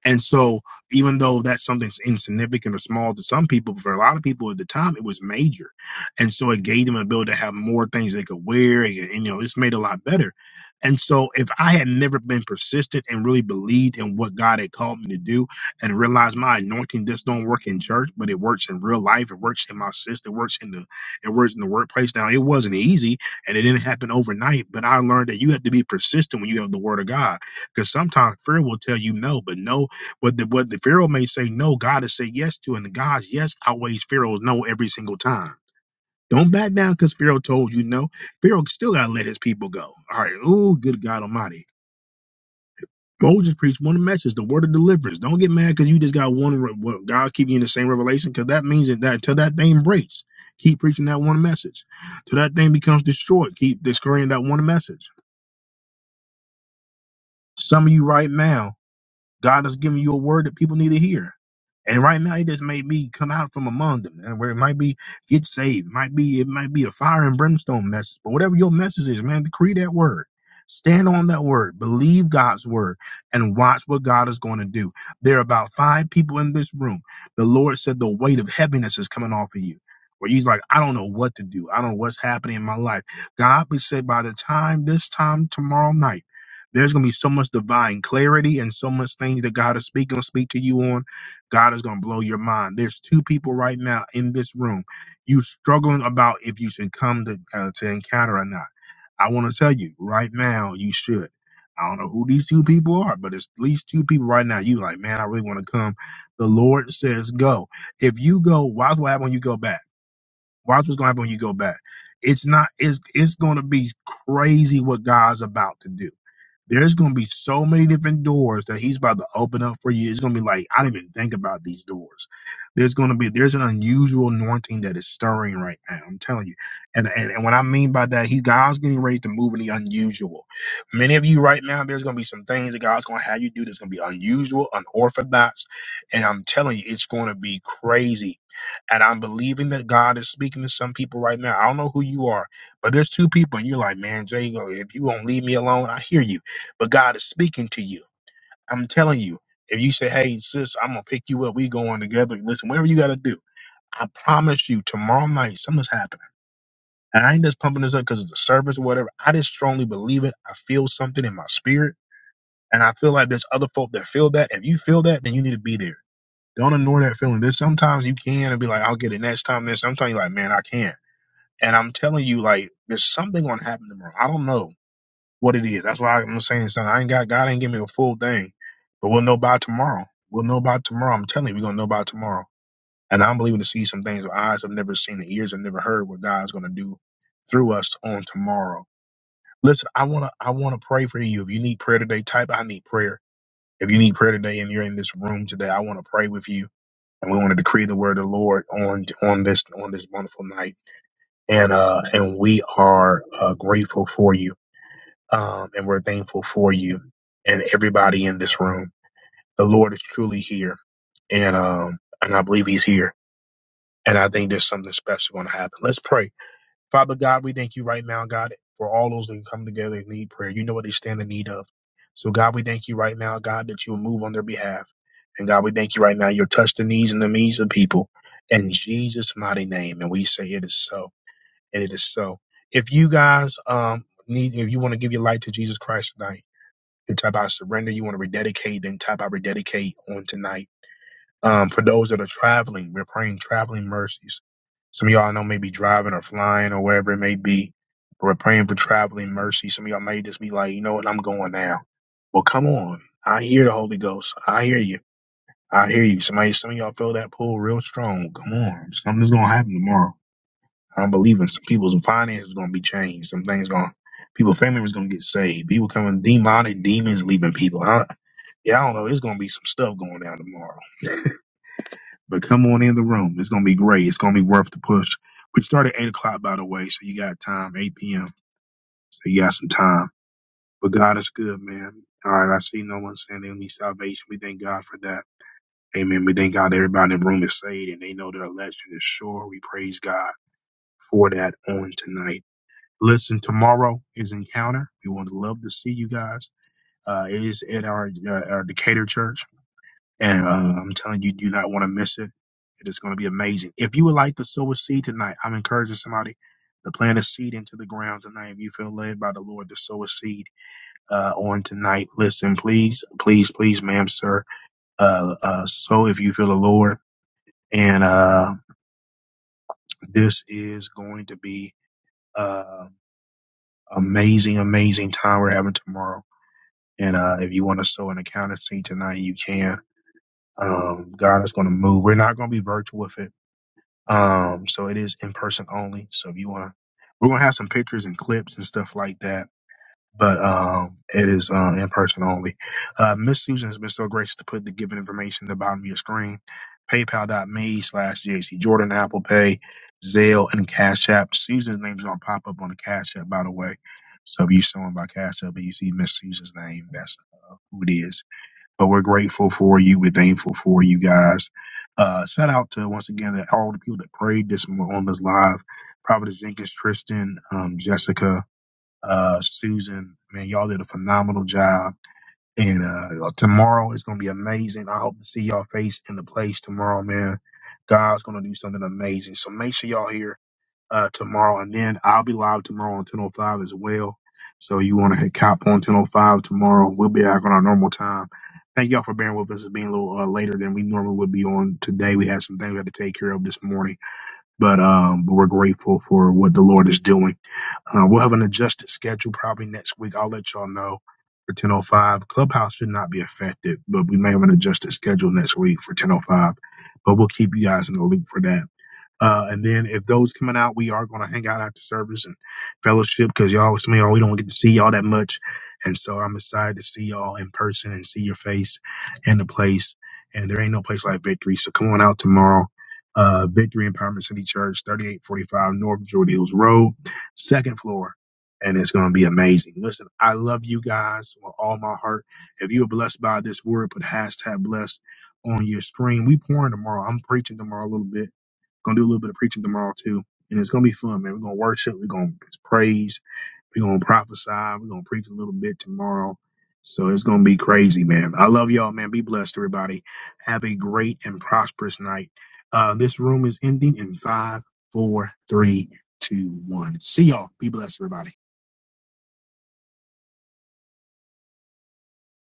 [SPEAKER 1] And so even though that's something insignificant or small to some people, for a lot of people at the time, it was major. And so it gave them an ability to have more things they could wear. And, and, you know, it's made a lot better. And so if I had never been persistent and really believed in what God had called me to do and realized my anointing just don't work in church, but it works in real life. It works in my sister. It works in the and words in the workplace. Now, it wasn't easy and it didn't happen overnight, but I learned that you have to be persistent when you have the word of God because sometimes fear will tell you no, but no, what the, what the Pharaoh may say no, God is say yes to, and the God's yes outweighs Pharaoh's no every single time. Don't back down because Pharaoh told you no. Pharaoh still got to let his people go. All right. Oh, good God Almighty. Go just preach one message, the word of deliverance. Don't get mad because you just got one. re- Well, God's keeping you in the same revelation because that means that, that until that thing breaks, keep preaching that one message. Till that thing becomes destroyed, keep discovering that one message. Some of you right now, God has given you a word that people need to hear. And right now, it just made me come out from among them, and where it might be get saved, it might be it might be a fire and brimstone message, but whatever your message is, man, decree that word, stand on that word, believe God's word, and watch what God is going to do. There are about five people in this room. The Lord said the weight of heaviness is coming off of you. Where you're like, I don't know what to do. I don't know what's happening in my life. God, we said by the time this time tomorrow night, there's gonna be so much divine clarity and so much things that God is speaking, to speak to you on God is going to blow your mind. There's two people right now in this room. You struggling about if you should come to, uh, to encounter or not. I want to tell you right now, you should. I don't know who these two people are, but it's at least two people right now. You like, man, I really want to come. The Lord says go. If you go, watch what happen when you go back. Watch what's going to happen when you go back. It's not, it's, it's going to be crazy what God's about to do there's gonna be so many different doors that he's about to open up for you. It's gonna be like I didn't even think about these doors. There's gonna be there's an unusual anointing that is stirring right now. I'm telling you, and and, and what I mean by that, he's God's getting ready to move in the unusual. Many of you right now, there's gonna be some things that God's gonna have you do that's gonna be unusual, unorthodox, and I'm telling you, it's gonna be crazy and I'm believing that God is speaking to some people right now. I don't know who you are, but there's two people, and you're like, man, Jago, if you won't leave me alone, I hear you but God is speaking to you. I'm telling you, if you say, "Hey, sis, I'm gonna pick you up. We going together." Listen, whatever you gotta do, I promise you, tomorrow night something's happening. And I ain't just pumping this up because it's a service or whatever. I just strongly believe it. I feel something in my spirit, and I feel like there's other folk that feel that. If you feel that, then you need to be there. Don't ignore that feeling. There's sometimes you can and be like, "I'll get it next time." Then sometimes you're like, "Man, I can't." And I'm telling you, like, there's something gonna happen tomorrow. I don't know what it is. That's why I'm saying something. I ain't got God ain't give me a full thing, but we'll know by tomorrow. We'll know by tomorrow. I'm telling you, we're gonna know by tomorrow. And I'm believing to see some things with eyes have never seen, and ears have never heard what God's gonna do through us on tomorrow. Listen, I wanna I wanna pray for you. If you need prayer today, type I need prayer. If you need prayer today and you're in this room today, I wanna pray with you. And we want to decree the word of the Lord on on this on this wonderful night. And uh and we are uh, grateful for you um, and we're thankful for you and everybody in this room. The Lord is truly here, and um, and I believe He's here, and I think there's something special going to happen. Let's pray, Father God. We thank you right now, God, for all those that come together and need prayer. You know what they stand in need of. So God, we thank you right now, God, that you will move on their behalf, and God, we thank you right now. You'll touch the knees and the knees of people in Jesus' mighty name, and we say it is so, and it is so. If you guys um need, if you want to give your life to Jesus Christ tonight and type out surrender. You want to rededicate, then type out rededicate on tonight. Um, for those that are traveling, we're praying traveling mercies. Some of y'all I know may be driving or flying or wherever it may be. but We're praying for traveling mercy. Some of y'all may just be like, you know what, I'm going now. Well, come on. I hear the Holy Ghost. I hear you. I hear you. Somebody, some of y'all feel that pull real strong. Come on. Something's going to happen tomorrow. I believe in some people's finances going to be changed. Some things going, people family members going to get saved. People coming demonic demons leaving people. I, yeah, I don't know. It's going to be some stuff going down tomorrow. But come on in the room. It's going to be great. It's going to be worth the push. We start at 8 o'clock, by the way. So you got time, 8 p.m. So you got some time. But God is good, man. All right. I see no one saying they need salvation. We thank God for that. Amen. We thank God everybody in the room is saved and they know their election is sure. We praise God for that on tonight. Listen, tomorrow is Encounter. We would love to see you guys. Uh, it is at our, uh, our Decatur church, and uh, I'm telling you, you do not want to miss it. It is going to be amazing. If you would like to sow a seed tonight, I'm encouraging somebody to plant a seed into the ground tonight. If you feel led by the Lord to sow a seed uh, on tonight, listen, please, please, please, ma'am, sir, uh, uh, sow if you feel the Lord. And uh, this is going to be uh, amazing, amazing time we're having tomorrow. And uh, if you want to sow an accountancy tonight, you can. Um, God is going to move. We're not going to be virtual with it. Um, so it is in person only. So if you want to, we're going to have some pictures and clips and stuff like that. But um, it is uh, in person only. Uh, Miss Susan has been so gracious to put the given information at the bottom of your screen. PayPal.me slash JC Jordan, Apple Pay, Zelle, and Cash App. Susan's name's going to pop up on the Cash App, by the way. So if you're showing by Cash App and you see Miss Susan's name, that's uh, who it is but we're grateful for you. We're thankful for you guys. Uh, shout out to once again that all the people that prayed this mo- on this live. Providence Jenkins, Tristan, um, Jessica, uh, Susan. Man, y'all did a phenomenal job. And uh, tomorrow is going to be amazing. I hope to see y'all face in the place tomorrow, man. God's going to do something amazing. So make sure y'all here uh, tomorrow, and then I'll be live tomorrow on 10:05 as well. So you want to hit cop on 10:05 tomorrow? We'll be back on our normal time. Thank y'all for bearing with us. It's being a little uh, later than we normally would be on today. We had some things we had to take care of this morning, but um, but we're grateful for what the Lord is doing. Uh, we'll have an adjusted schedule probably next week. I'll let y'all know. For 10:05, Clubhouse should not be affected, but we may have an adjusted schedule next week for 10:05. But we'll keep you guys in the loop for that. Uh, and then if those coming out, we are going to hang out after service and fellowship because y'all, some of we don't get to see y'all that much. And so I'm excited to see y'all in person and see your face in the place. And there ain't no place like Victory. So come on out tomorrow. Uh, Victory Empowerment City Church, 3845 North Jordan Hills Road, second floor. And it's going to be amazing. Listen, I love you guys with all my heart. If you were blessed by this word, put hashtag blessed on your screen. We pouring tomorrow. I'm preaching tomorrow a little bit Gonna do a little bit of preaching tomorrow too. And it's gonna be fun, man. We're gonna worship, we're gonna praise, we're gonna prophesy, we're gonna preach a little bit tomorrow. So it's gonna be crazy, man. I love y'all, man. Be blessed, everybody. Have a great and prosperous night. Uh this room is ending in five, four, three, two, one. See y'all. Be blessed, everybody.